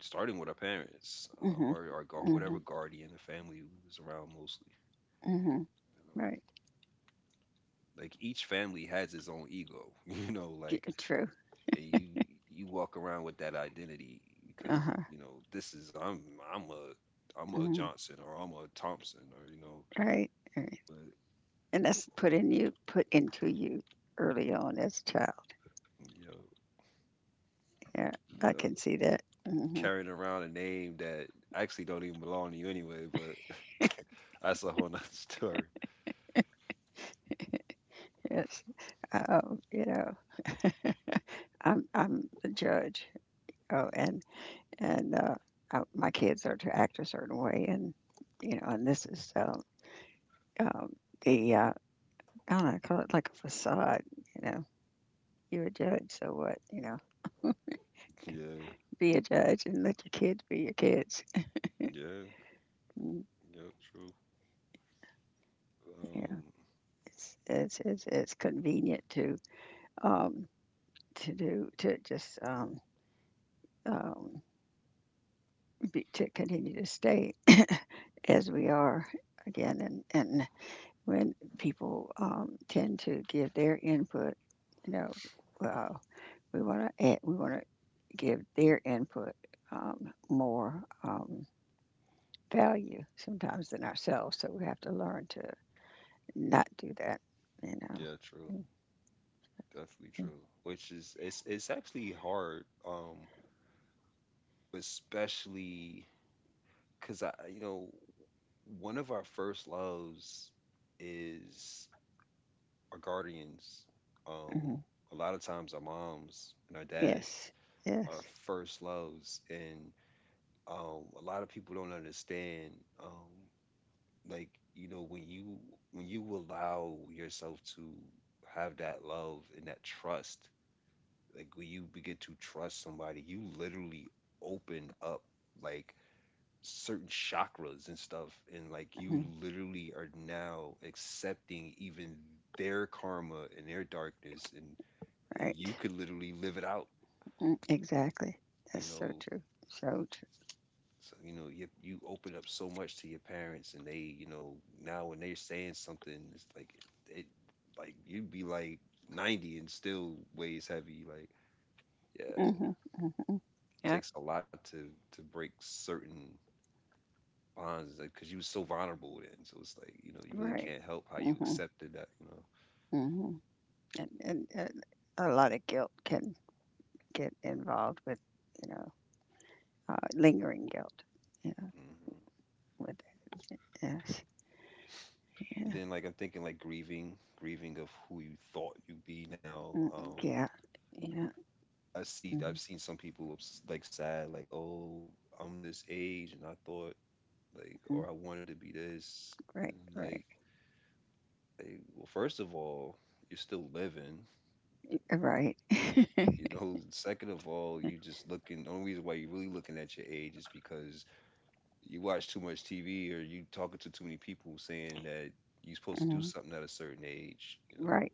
starting with our parents, um,
Hmm.
or our gu-
Hmm.
whatever guardian the family was around mostly,
Hmm.
you know,
Right.
like each family has its own ego, (laughs) you know,
T-
like,
True.
and you you walk around with that identity
Uh
because
huh.
you know this is I'm I'm a I'm a
Mm.
Johnson, or I'm a Thompson, or you know,
Right. Right.
but
And that's put in you, put into you early on as a child.
you know,
Yeah,
you
I
know
can see that. Hmm.
carrying around a name that actually don't even belong to you anyway, but (laughs) that's a whole nother (laughs) story.
Yes. Um, you know, I'm I'm a judge. Oh, and and uh, uh my kids are to act a certain way, and, you know, and this is, um, um the uh, I don't know, I call it like a facade. You know, you're a judge, so what? You know,
Yeah,
be a judge and let your kids be your kids.
yeah,
Mm.
yeah, true.
Yeah.
um
It's it's it's, it's convenient to um, to do, to just um, um, be, to continue to stay as we are again. And, and when people, um, tend to give their input, you know, uh, we want to add, we want to give their input, um, more um, value, sometimes, than ourselves. So we have to learn to not do that, you
yeah, true,
know.
definitely true. Which is it's it's actually hard, um, especially because I, you know, one of our first loves is our guardians. Um,
Mhm.
a lot of times, our moms and our
Yes,
dads are our
yes.
first loves, and um, a lot of people don't understand. Um, like you know, when you when you allow yourself to have that love and that trust, like when you begin to trust somebody, you literally open up like certain chakras and stuff, and like you
Mhm.
literally are now accepting even their karma and their darkness and eh,
Right.
you could literally live it out,
Mm, exactly.
you
That's so
know.
true. So true.
So you know you, you open up so much to your parents, and they you know now when they're saying something it's like it like you'd be like ninety and still weighs heavy, like yeah it
Hmm. Hmm. Yep.
takes a lot to to break certain bonds, like because you was so vulnerable then, so it's like you know you really
Right.
can't help how you
Hmm.
accepted that, you know.
Hmm. And, and, and a lot of guilt can get involved with, you know, uh, lingering guilt. Yeah.
Hmm.
With that. Yes.
And
Yeah.
then, like, I'm thinking, like, grieving, grieving of who you thought you'd be now.
Mm.
Um,
Yeah. Yeah.
I see, I've
Mm-hmm.
seen some people ups- like sad, like, oh, I'm this age, and I thought, like,
Mm-hmm.
or I wanted to be this, and
Right. Right.
like, like, well, first of all, you're still living,
Right.
you know. (laughs) Second of all, you just looking. The only reason why you're really looking at your age is because you watch too much T V, or you talking to too many people saying that you're supposed to do
Hmm.
something at a certain age, you know.
Right.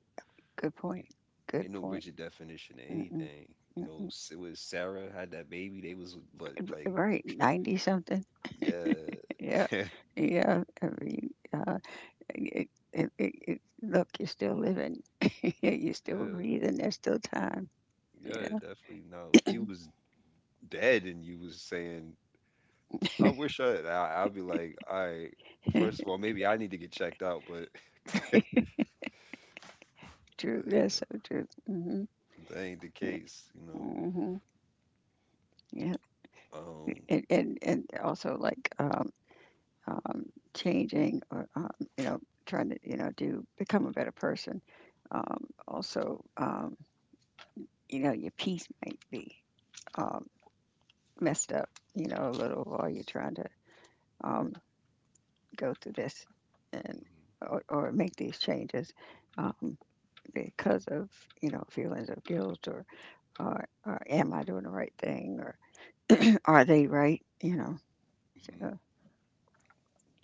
Good point. Good
Ain't no
point.
rigid definition of
Mm-mm.
anything. You know,
Mm-mm.
it was Sarah had that baby, they was but like,
Right. Ninety something.
yeah,
Yeah.
(laughs) yeah,
Yeah. I mean, uh, it, it, it, it, look, you're still living. (laughs) You're still breathing. There's still time.
yeah,
You
definitely. Now, if you was dead and you was saying, "I wish I," I I'd be like, "All right,
know,
first of all, maybe I need to get checked out," but, (laughs)
(laughs) true.
but you
That's so true. Mm.
know, that ain't the
Hmm.
case. You know,
Mm. Hmm. Yeah,
um,
and, and and also like, um, um, changing, or um, you know, trying to, you know, do become a better person. Um, also, um, you know, your peace might be um, messed up. You know, a little while you're trying to um, go through this, and
mhm,
or, or make these changes. Um, because of, you know, feelings of guilt, or, or, or am I doing the right thing, or (clears throat) are they right? You know.
mhm,
So,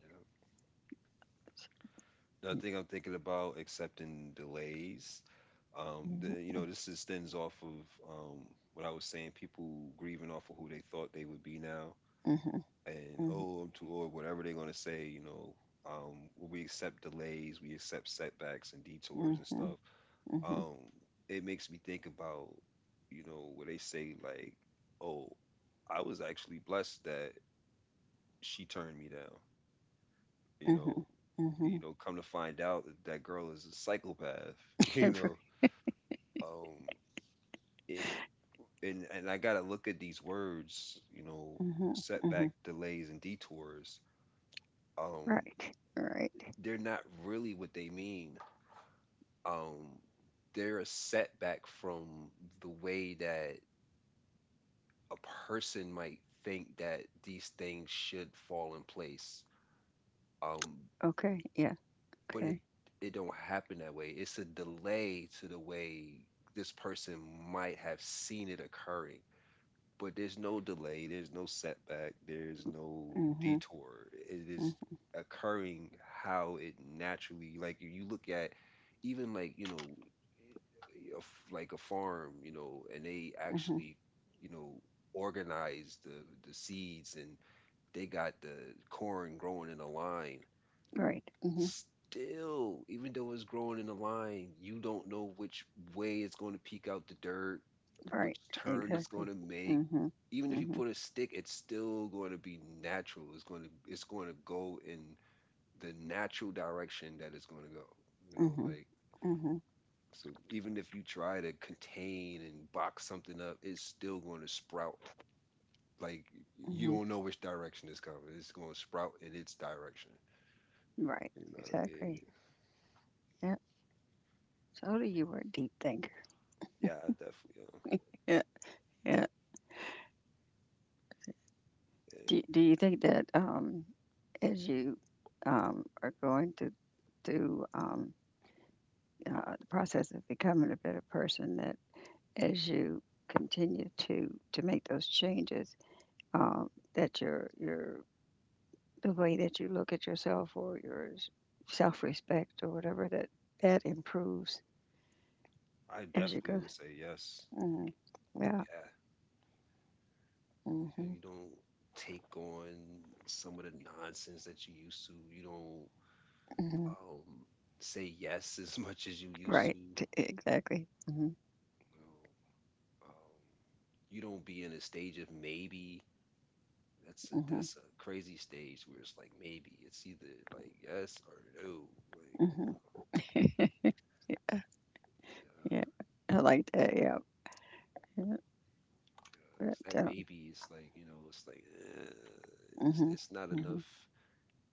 yeah. I think I'm thinking about accepting delays. Um, the,
mhm.
you know, this extends off of um, what I was saying, people grieving off of who they thought they would be now,
Mhm.
and
Mhm.
oh, I'm too old, whatever they're gonna say, you know. Um, when we accept delays, we accept setbacks and detours and
Mhm.
stuff.
Mhm.
Um, it makes me think about, you know, where they say like, oh, I was actually blessed that she turned me down. You know,
Mhm.
you know,
Mhm.
come to find out that, that girl is a psychopath. (laughs)
(laughs)
You
And for—
know, um, it, and and I gotta look at these words. You know,
Mhm. Mhm.
setback, delays, and detours. Um,
Right. Right.
they're not really what they mean. Um, they're a setback from the way that a person might think that these things should fall in place. Um,
Okay. Yeah.
but it
Okay.
it don't happen that way. It's a delay to the way this person might have seen it occurring. But there's no delay, there's no setback, there's no
Mhm.
detour. It is
Mhm.
occurring how it naturally, like if you look at even, like, you know, a f- like a farm, you know, and they
Mhm.
actually, you know, organize the the seeds, and they got the corn growing in a line.
Right. Mhm.
Still, even though it's growing in a line, you don't know which way it's going to peek out the dirt, which
Right.
turn it's
Exactly.
going to make.
Mhm.
Even if you
Mhm.
put a stick, it's still going to be natural. It's going to it's going to go in the natural direction that it's going to go. You know,
Mhm.
like,
Mhm.
so even if you try to contain and box something up, it's still going to sprout. Like, you
Mhm.
don't know which direction it's coming. It's going to sprout in its direction.
Right.
You know what I mean?
Exactly. Yeah. Told you you were a deep thinker.
Yeah, I definitely.
Yeah. Yeah.
Am.
Do, do you think that um, as you um, are going to through um, uh, the process of becoming a better person, that as you continue to to make those changes, um, that your your the way that you look at yourself or your self respect or whatever that that improves
I
as you
definitely
go.
would say yes.
Mhm. Yeah.
Yeah. Yeah,
Hmm.
you don't take on some of the nonsense that you used to. You don't
Hmm.
um, say yes (laughs) as much as you used to.
Right.
You
T- Exactly. Hmm.
know, um, you don't be in a stage of maybe. That's a,
Hmm.
that's a crazy stage where it's like maybe it's either like yes or no. Like, you
Hmm.
know,
(laughs)
yeah,
Yeah. I like that. Yeah. Yeah.
yeah. It's
But,
that
um,
maybe. It's like, you know, it's like eh, it's,
hmm.
it's not enough.
Mm.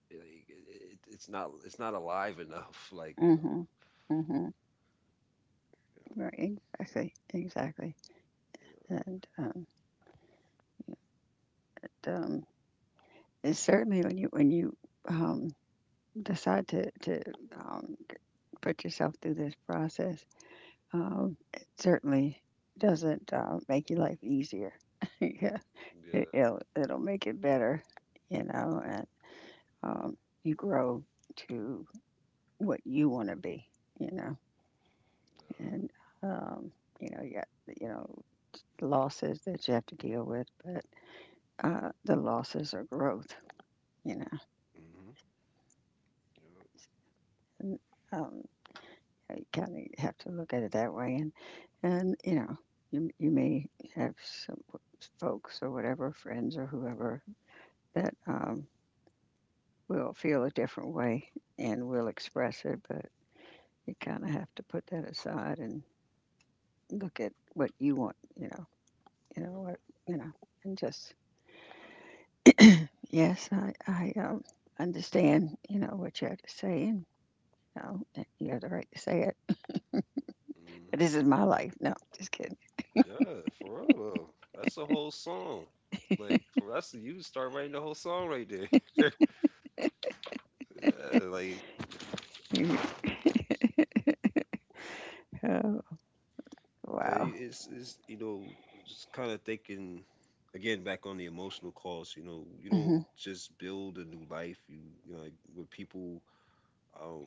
Like, it, it, it's not it's not alive enough. (laughs) Like, you know,
Hmm. Hmm. Hmm.
yeah,
Right, exactly, exactly. And, um, it, um, it's certainly when you, when you, um, decide to, to, um, put yourself through this process, um, it certainly doesn't, uh, make your life easier. (laughs) Yeah,
yeah,
it,
yeah.
it'll, it'll make it better, you know, and, um, you grow to what you want to be, you know,
Uh,
and, um, you know, yeah, you know, losses that you have to deal with, but uh, the losses are growth, you know.
mm-hmm.
And, um, you kind of have to look at it that way, and and you know, you you may have some folks or whatever, friends or whoever that um, will feel a different way and will express it, but you kind of have to put that aside and look at what you want, you know, you
Yep,
know what, you know, and just yes, I I um, understand, you know, what you have to say and no, eh, you have the right to say it. But this is my life. No, just kidding.
yep. Mm-hmm. Yeah, for real though. That's the whole song. Like for us, you start writing the whole song right there. (laughs) Yeah, like
(laughs) Oh,
yeah,
wow.
it- it's it's you know, just kind of thinking again back on the emotional cost. You know, you don't
Hmm.
just build a new life. You you know, like, with people. Um,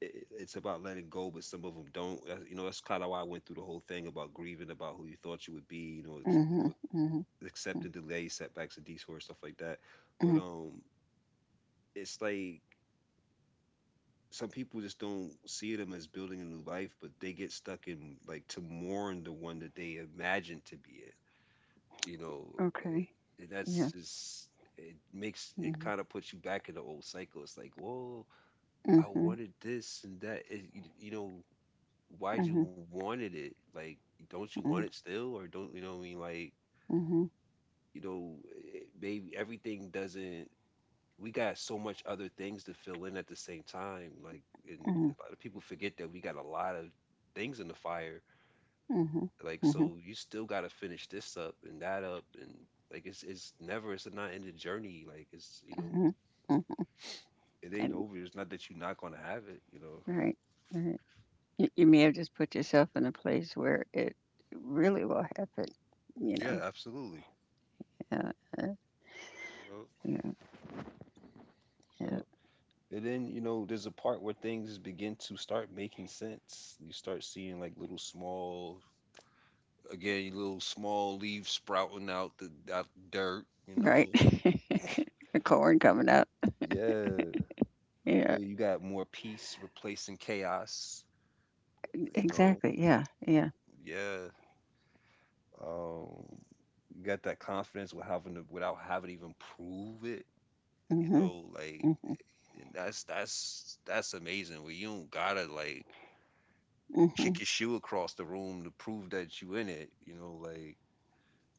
it- it's about letting go, but some of them don't. That's- You know, that's kind of why I went through the whole thing about grieving about who you thought you would be. You know, ex- you
Hmm.
know,
Hmm.
accepting delays, setbacks, and detours, stuff like that. But
Hmm.
um, it's like some people just don't see them as building a new life, but they get stuck in like to mourn the one that they imagined to be in. You know,
Okay.
eh,
Yeah.
that's just it makes it
Hmm.
kind of puts you back in the old cycle. It's like, whoa,
Hmm.
I
Hmm.
wanted this and that. It, you, you know, why'd
Hmm.
you wanted it? Like, don't you want
Hmm.
it still, or don't you know? What I mean, like, you know, it- maybe everything doesn't. We got so much other things to fill in at the same time. Like, and a lot of people forget that we got a lot of things in the fire.
Hmm.
Like, so you still got to finish this up and that up, and like, it's it's never it's a not ended journey. Like, it's you know,
Hmm. Hmm.
it ain't
And
over. It's not that you're not gonna have it. You know.
right, right. You, you may have just put yourself in a place where it really will happen. You
Yeah,
know.
absolutely.
Yeah. uh, Yeah. Yeah.
Yep. And then, you know, there's a part where things begin to start making sense. You start seeing like little small, again, little small leaves sprouting out the out the dirt, you
Right.
know.
(laughs) The corn coming up.
Yeah.
Yeah.
Where you got more peace replacing chaos, you know.
Exactly. Yeah. Yeah.
Yeah. Um, you got that confidence with having to, without having to even prove it, you
Mhm.
know, like,
Hmm.
and that's that's that's amazing where you don't gotta like kick
Mhm,
your shoe across the room to prove that you in it. You know, like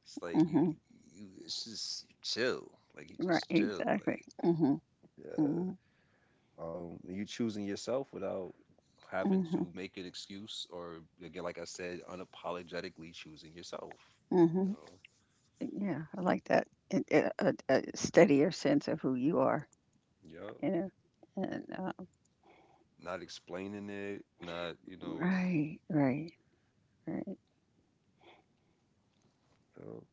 it's like you
mhm.
you it's just you chill. Like you
Right,
just chill.
exactly.
Like
Mhm,
yeah.
mhm,
Um you choosing yourself without having
mhm,
to make an excuse or again, like I said, unapologetically choosing yourself. You
mhm.
know?
Yeah, I like that. It, it, a, a steadier sense of who you are,
Yeah.
you know. And uh,
Not explaining it, not, you know,
right, right, right.
you know,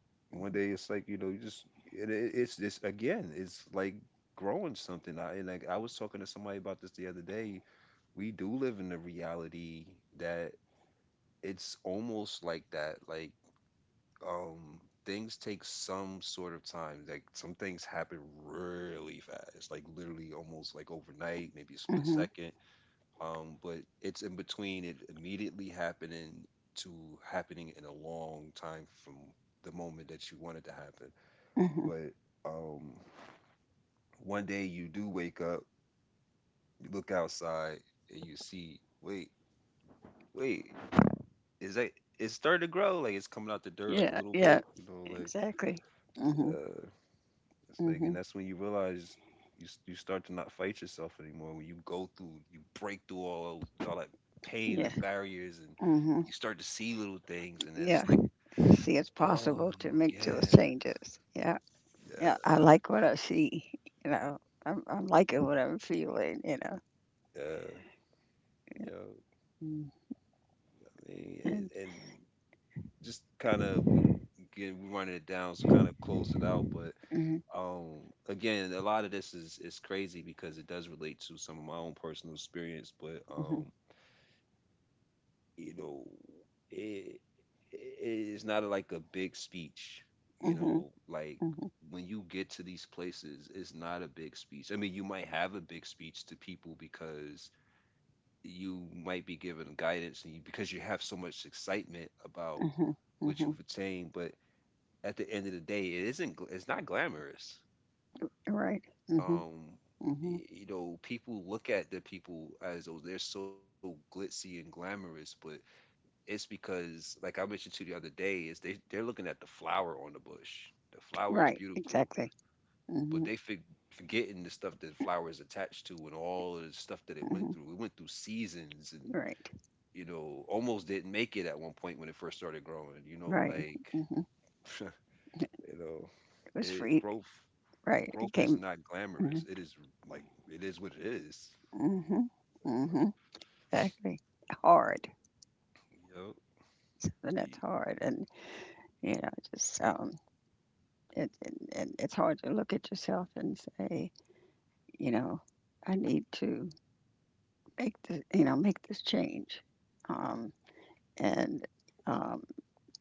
one day it's like, you know, you just it, it, it's this again, it's like growing something. I and like I was talking to somebody about this the other day, we do live in a reality that it's almost like that, like um things take some sort of time, like some things happen really fast, like literally almost like overnight, maybe a split
Mhm,
second, um but it's in between it immediately happening to happening in a long time from the moment that you want it to happen.
mhm.
But um one day you do wake up, you look outside, and you see, wait, wait, is that, it's starting to grow, like it's coming out the dirt like a
Yeah,
little
yeah,
bit, you know, like
exactly. Mhm,
uh, it's like, and
mhm.
that's when you realize you s- you start to not fight yourself anymore. When you go through, you break through all all that pain
Yeah,
and barriers, and
mhm.
you start to see little things, and it's
Yeah.
like,
See, it's
oh
possible to make those
yeah,
changes. Yeah, yeah.
yeah,
I like what I see. You know, I'm, I'm liking what I'm feeling. You know.
yeah, you know,
Mm.
I mean,
And
and, and just kind of we, get we running it down, so kind of close it out, but Um, again, a lot of this is is crazy because it does relate to some of my own personal experience, but
mhm,
um, you know, it it is not like a big speech. You
mhm,
know, like
mhm,
when you get to these places, it's not a big speech. I mean, you might have a big speech to people because you might be given guidance and you, because you have so much excitement about
mhm,
what
mhm.
you've attained, but at the end of the day, it isn't. gl- It's not glamorous.
Right. Mhm,
um
mhm.
you know, people look at the people as though they're so glitzy and glamorous, but it's because, like I mentioned to you the other day, is they they're looking at the flower on the bush. The flower is
Right.
beautiful,
Exactly.
but
Mhm,
they for, forgetting the stuff that the flower is attached to and all of the stuff that it went
mhm.
through. It went through seasons, and
Right.
you know, almost didn't make it at one point when it first started growing, you know,
Right.
like
Mhm.
(laughs) you know,
It was
it,
free.
growth
Right. It
growth is
came
not glamorous.
mhm,
It is like it is what it is.
mhm,
You
mhm. Exactly. Hard.
know, yep.
Something that's
You,
hard, and you know, just um, it, it, it it's hard to look at yourself and say, you know, I need to make this, you know, make this change, um, and um,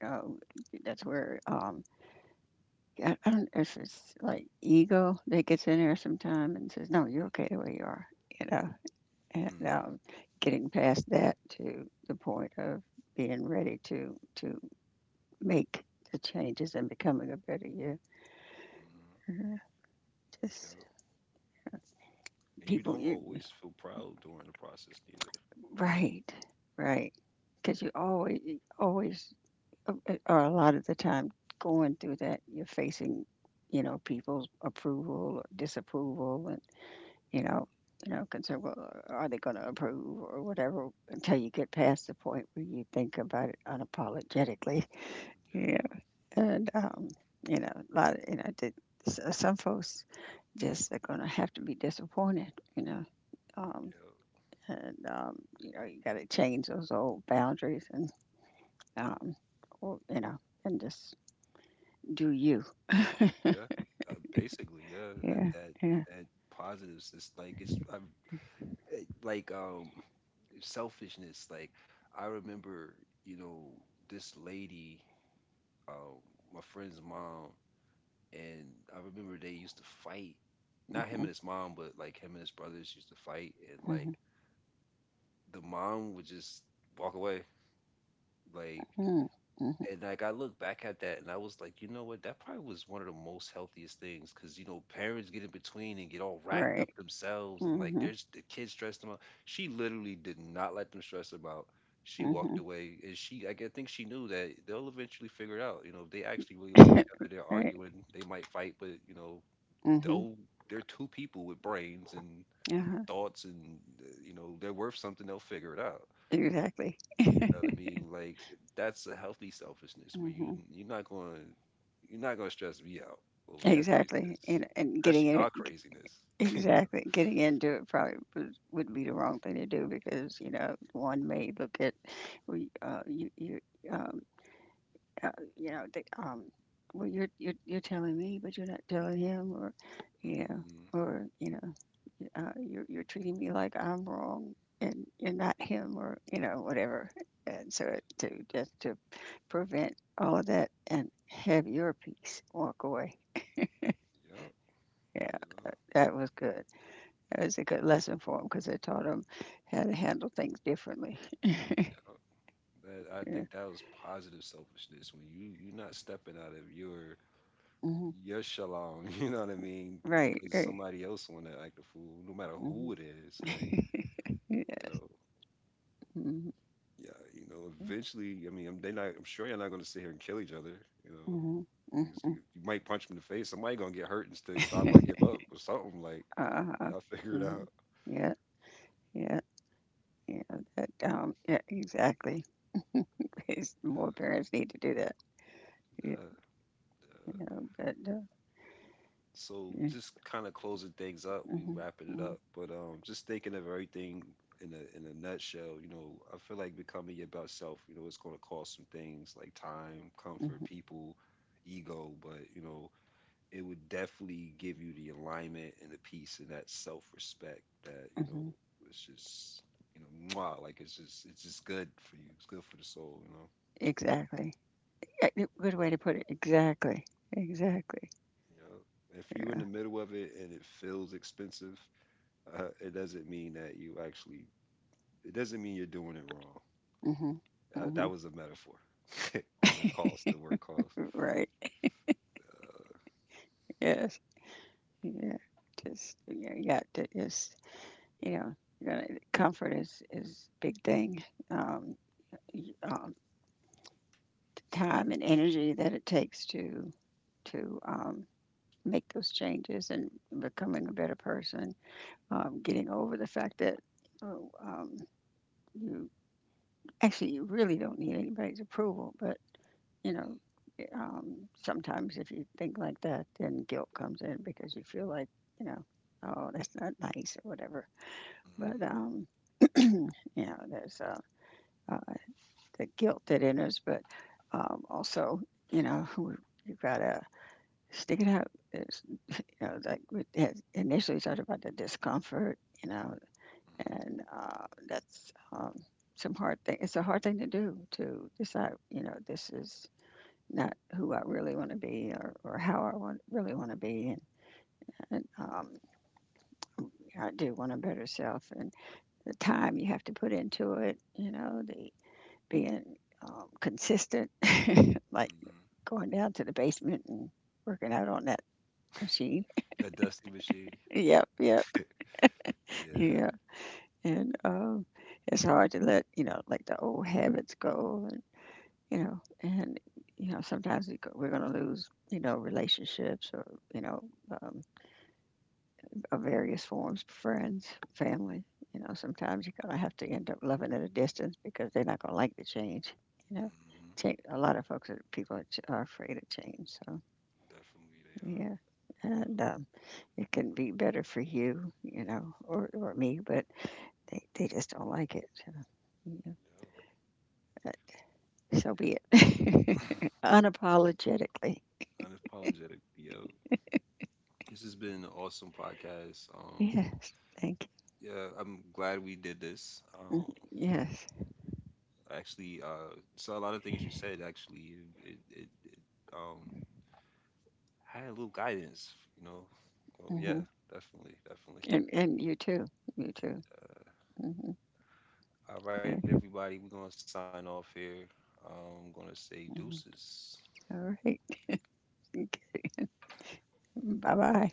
you know, that's where um, I I don't know if it's like ego that gets in there sometime and says, "No, you're
mhm,
okay the way you are," you know. And
mhm,
um, getting past that to the point of being ready to to make the changes and becoming a better you.
mhm,
Mhm. Just
yep. And you
people,
don't
you,
always feel proud during the process either.
right, right, because you always you always uh, uh, or a lot of the time going through that you're facing, you know, people's approval or disapproval, you
Mm,
know, you know, concerned. Well, are they going to approve or whatever? Until you get past the point where you think about it unapologetically. Yeah,
yeah,
and um, you know, a lot. Of, you know, the, s- some folks just are going to have to be disappointed. You know, um, and um, you know, you got to change those old boundaries and um, or, you know, and just do you.
yeah, yeah. Uh, basically, yeah. That
Yeah,
that
yeah.
that positives. It's like it's i it, like um selfishness. Like I remember, you know, this lady, um, my friend's mom, and I remember they used to fight. Not him and his mom, but like him and his brothers used to fight, and like
Mm-hmm,
the mom would just walk away. Like,
mm-hmm. Mm-hmm.
and like I look back at that and I was like, you know what? That probably was one of the most healthiest things, because you know parents get in between and get all racked up
Right.
themselves, and like
Mm-hmm,
there's the kids stress them out. She literally did not let them stress them out. She
mm-hmm.
walked away, and she like, I g- think she knew that they'll eventually figure it out. You know, if they actually really love each other, they're
(laughs) Right.
arguing, they might fight, but you know,
Mm-hmm.
they'll, they're two people with brains and
Uh-huh.
thoughts and uh, you know, they're worth something. They'll figure it out.
Exactly.
Know what I mean? Like that's a healthy selfishness where you
Mhm.
you're not going you're not going to stress me out over your
Exactly.
craziness.
And and
That's
getting in it
your craziness. (laughs) You know?
exactly. Getting into it probably was would be the wrong thing to do because, you know, one may look at we, uh you you, um uh, you know, the um well you're you're you're telling me but you're not telling him, or you know,
Mm.
or you know. uh, you're, you're treating me like I'm wrong and you're not him or, you know, whatever. And so, to just to prevent all of that and have your peace, walk away.
Yep,
Yeah,
yep,
that was good. That was a good lesson for him because it taught him how to handle things differently.
yep. That, I
Yeah.
think that was positive selfishness when you you're not stepping out of your
Hmm.
your shalom. (laughs) You know what I mean?
Right,
Because
right.
somebody else want to act a fool, no matter
Hmm.
who it is. Like
(laughs) Yeah.
you know,
Hmm.
yeah, you know. Eventually, I mean, I'm they not. I'm sure you're not going to sit here and kill each other. You know,
Hmm.
because
Hmm.
You, you might punch him in the face. Somebody gonna get hurt and stay stop. I
(laughs)
give up or something. Like
Uh-huh.
y'all (laughs) figure it
Hmm.
out.
Yeah, yeah, yeah. That, um, yeah, exactly. (laughs) More
Yeah,
parents need to do that.
yeah,
Yeah,
yeah.
you know, but uh,
So
yeah.
just kind of closing things up. We
Hmm.
wrapping it
Hmm.
up, but um, just thinking of everything in a in a nutshell. You know, I feel like becoming your best self. You know, it's gonna cost some things like time, comfort,
Hmm.
people, ego. But you know, it would definitely give you the alignment and the peace and that self respect that you know
Hmm.
it's just, you know, mwah, like it's just it's just good for you, it's good for the soul, you know.
Exactly. Yeah, y- good way to put it. Exactly. Exactly.
Yeah, if you're in
Yeah.
the middle of it and it feels expensive, uh, it doesn't mean that you actually, it doesn't mean you're doing it wrong.
Hmm.
uh,
Hmm.
that was a metaphor (laughs) on the cost, the word cost.
Right.
Uh,
Yes. Yeah. Just yeah, yeah to, just you know, you know, comfort is is big thing. Um, y- um, t- time and energy that it takes to to um, make those changes and becoming a better person, um, getting over the fact that, oh, um, you actually you really don't need anybody's approval, but you know, um, sometimes if you think like that, then guilt comes in because you feel like, you know, oh that's not nice or whatever. But
mhm,
um, you know, there's uh, uh, the guilt that enters, but um, also, you know, (laughs) you gotta stick it out. There's, you know, like we had initially talked about, the discomfort. You know,
mhm,
and uh, that's um, some hard thing. It's a hard thing to do to decide. You know, this is not who I really want to be, or, or how I want really want to be, and, and um, I do want a better self. And the time you have to put into it, you know, the being um, consistent, (laughs) like
mhm.
going down to the basement and working out on that machine.
That dusty machine.
(laughs) Yep, yep,
Yeah.
yeah, and. Um, it's hard to let, you know, like the old habits go, and you know, and you know, sometimes we go, we're going to lose, you know, relationships, or you know, um, of various forms, friends, family. You know, sometimes you're going to have to end up loving at a distance because they're not going to like the change. You know,
Hmm.
change, a lot of folks are people are, ch- are afraid of change. So
Definitely they are.
yeah,
Yep.
and um, it can be better for you, you know, or or me, but they they just don't like it. So, yeah, uh, so be
Yep.
it. (laughs)
(clears throat) That's
Unapologetically.
unapologetic, yo. This has been an awesome podcast. Um,
Yes. Thank you.
yeah, I'm glad we did this.
Mm.
Um,
Yes.
actually, uh, so a lot of things you said actually, it, it, it um had a little guidance, you know. So
Hmm.
yeah, definitely, definitely.
And and you too. You too.
Uh,
Hmm.
all right,
Yes.
everybody, we're gonna sign off here. Um, I'm gonna say deuces.
All right. (laughs) Bye bye.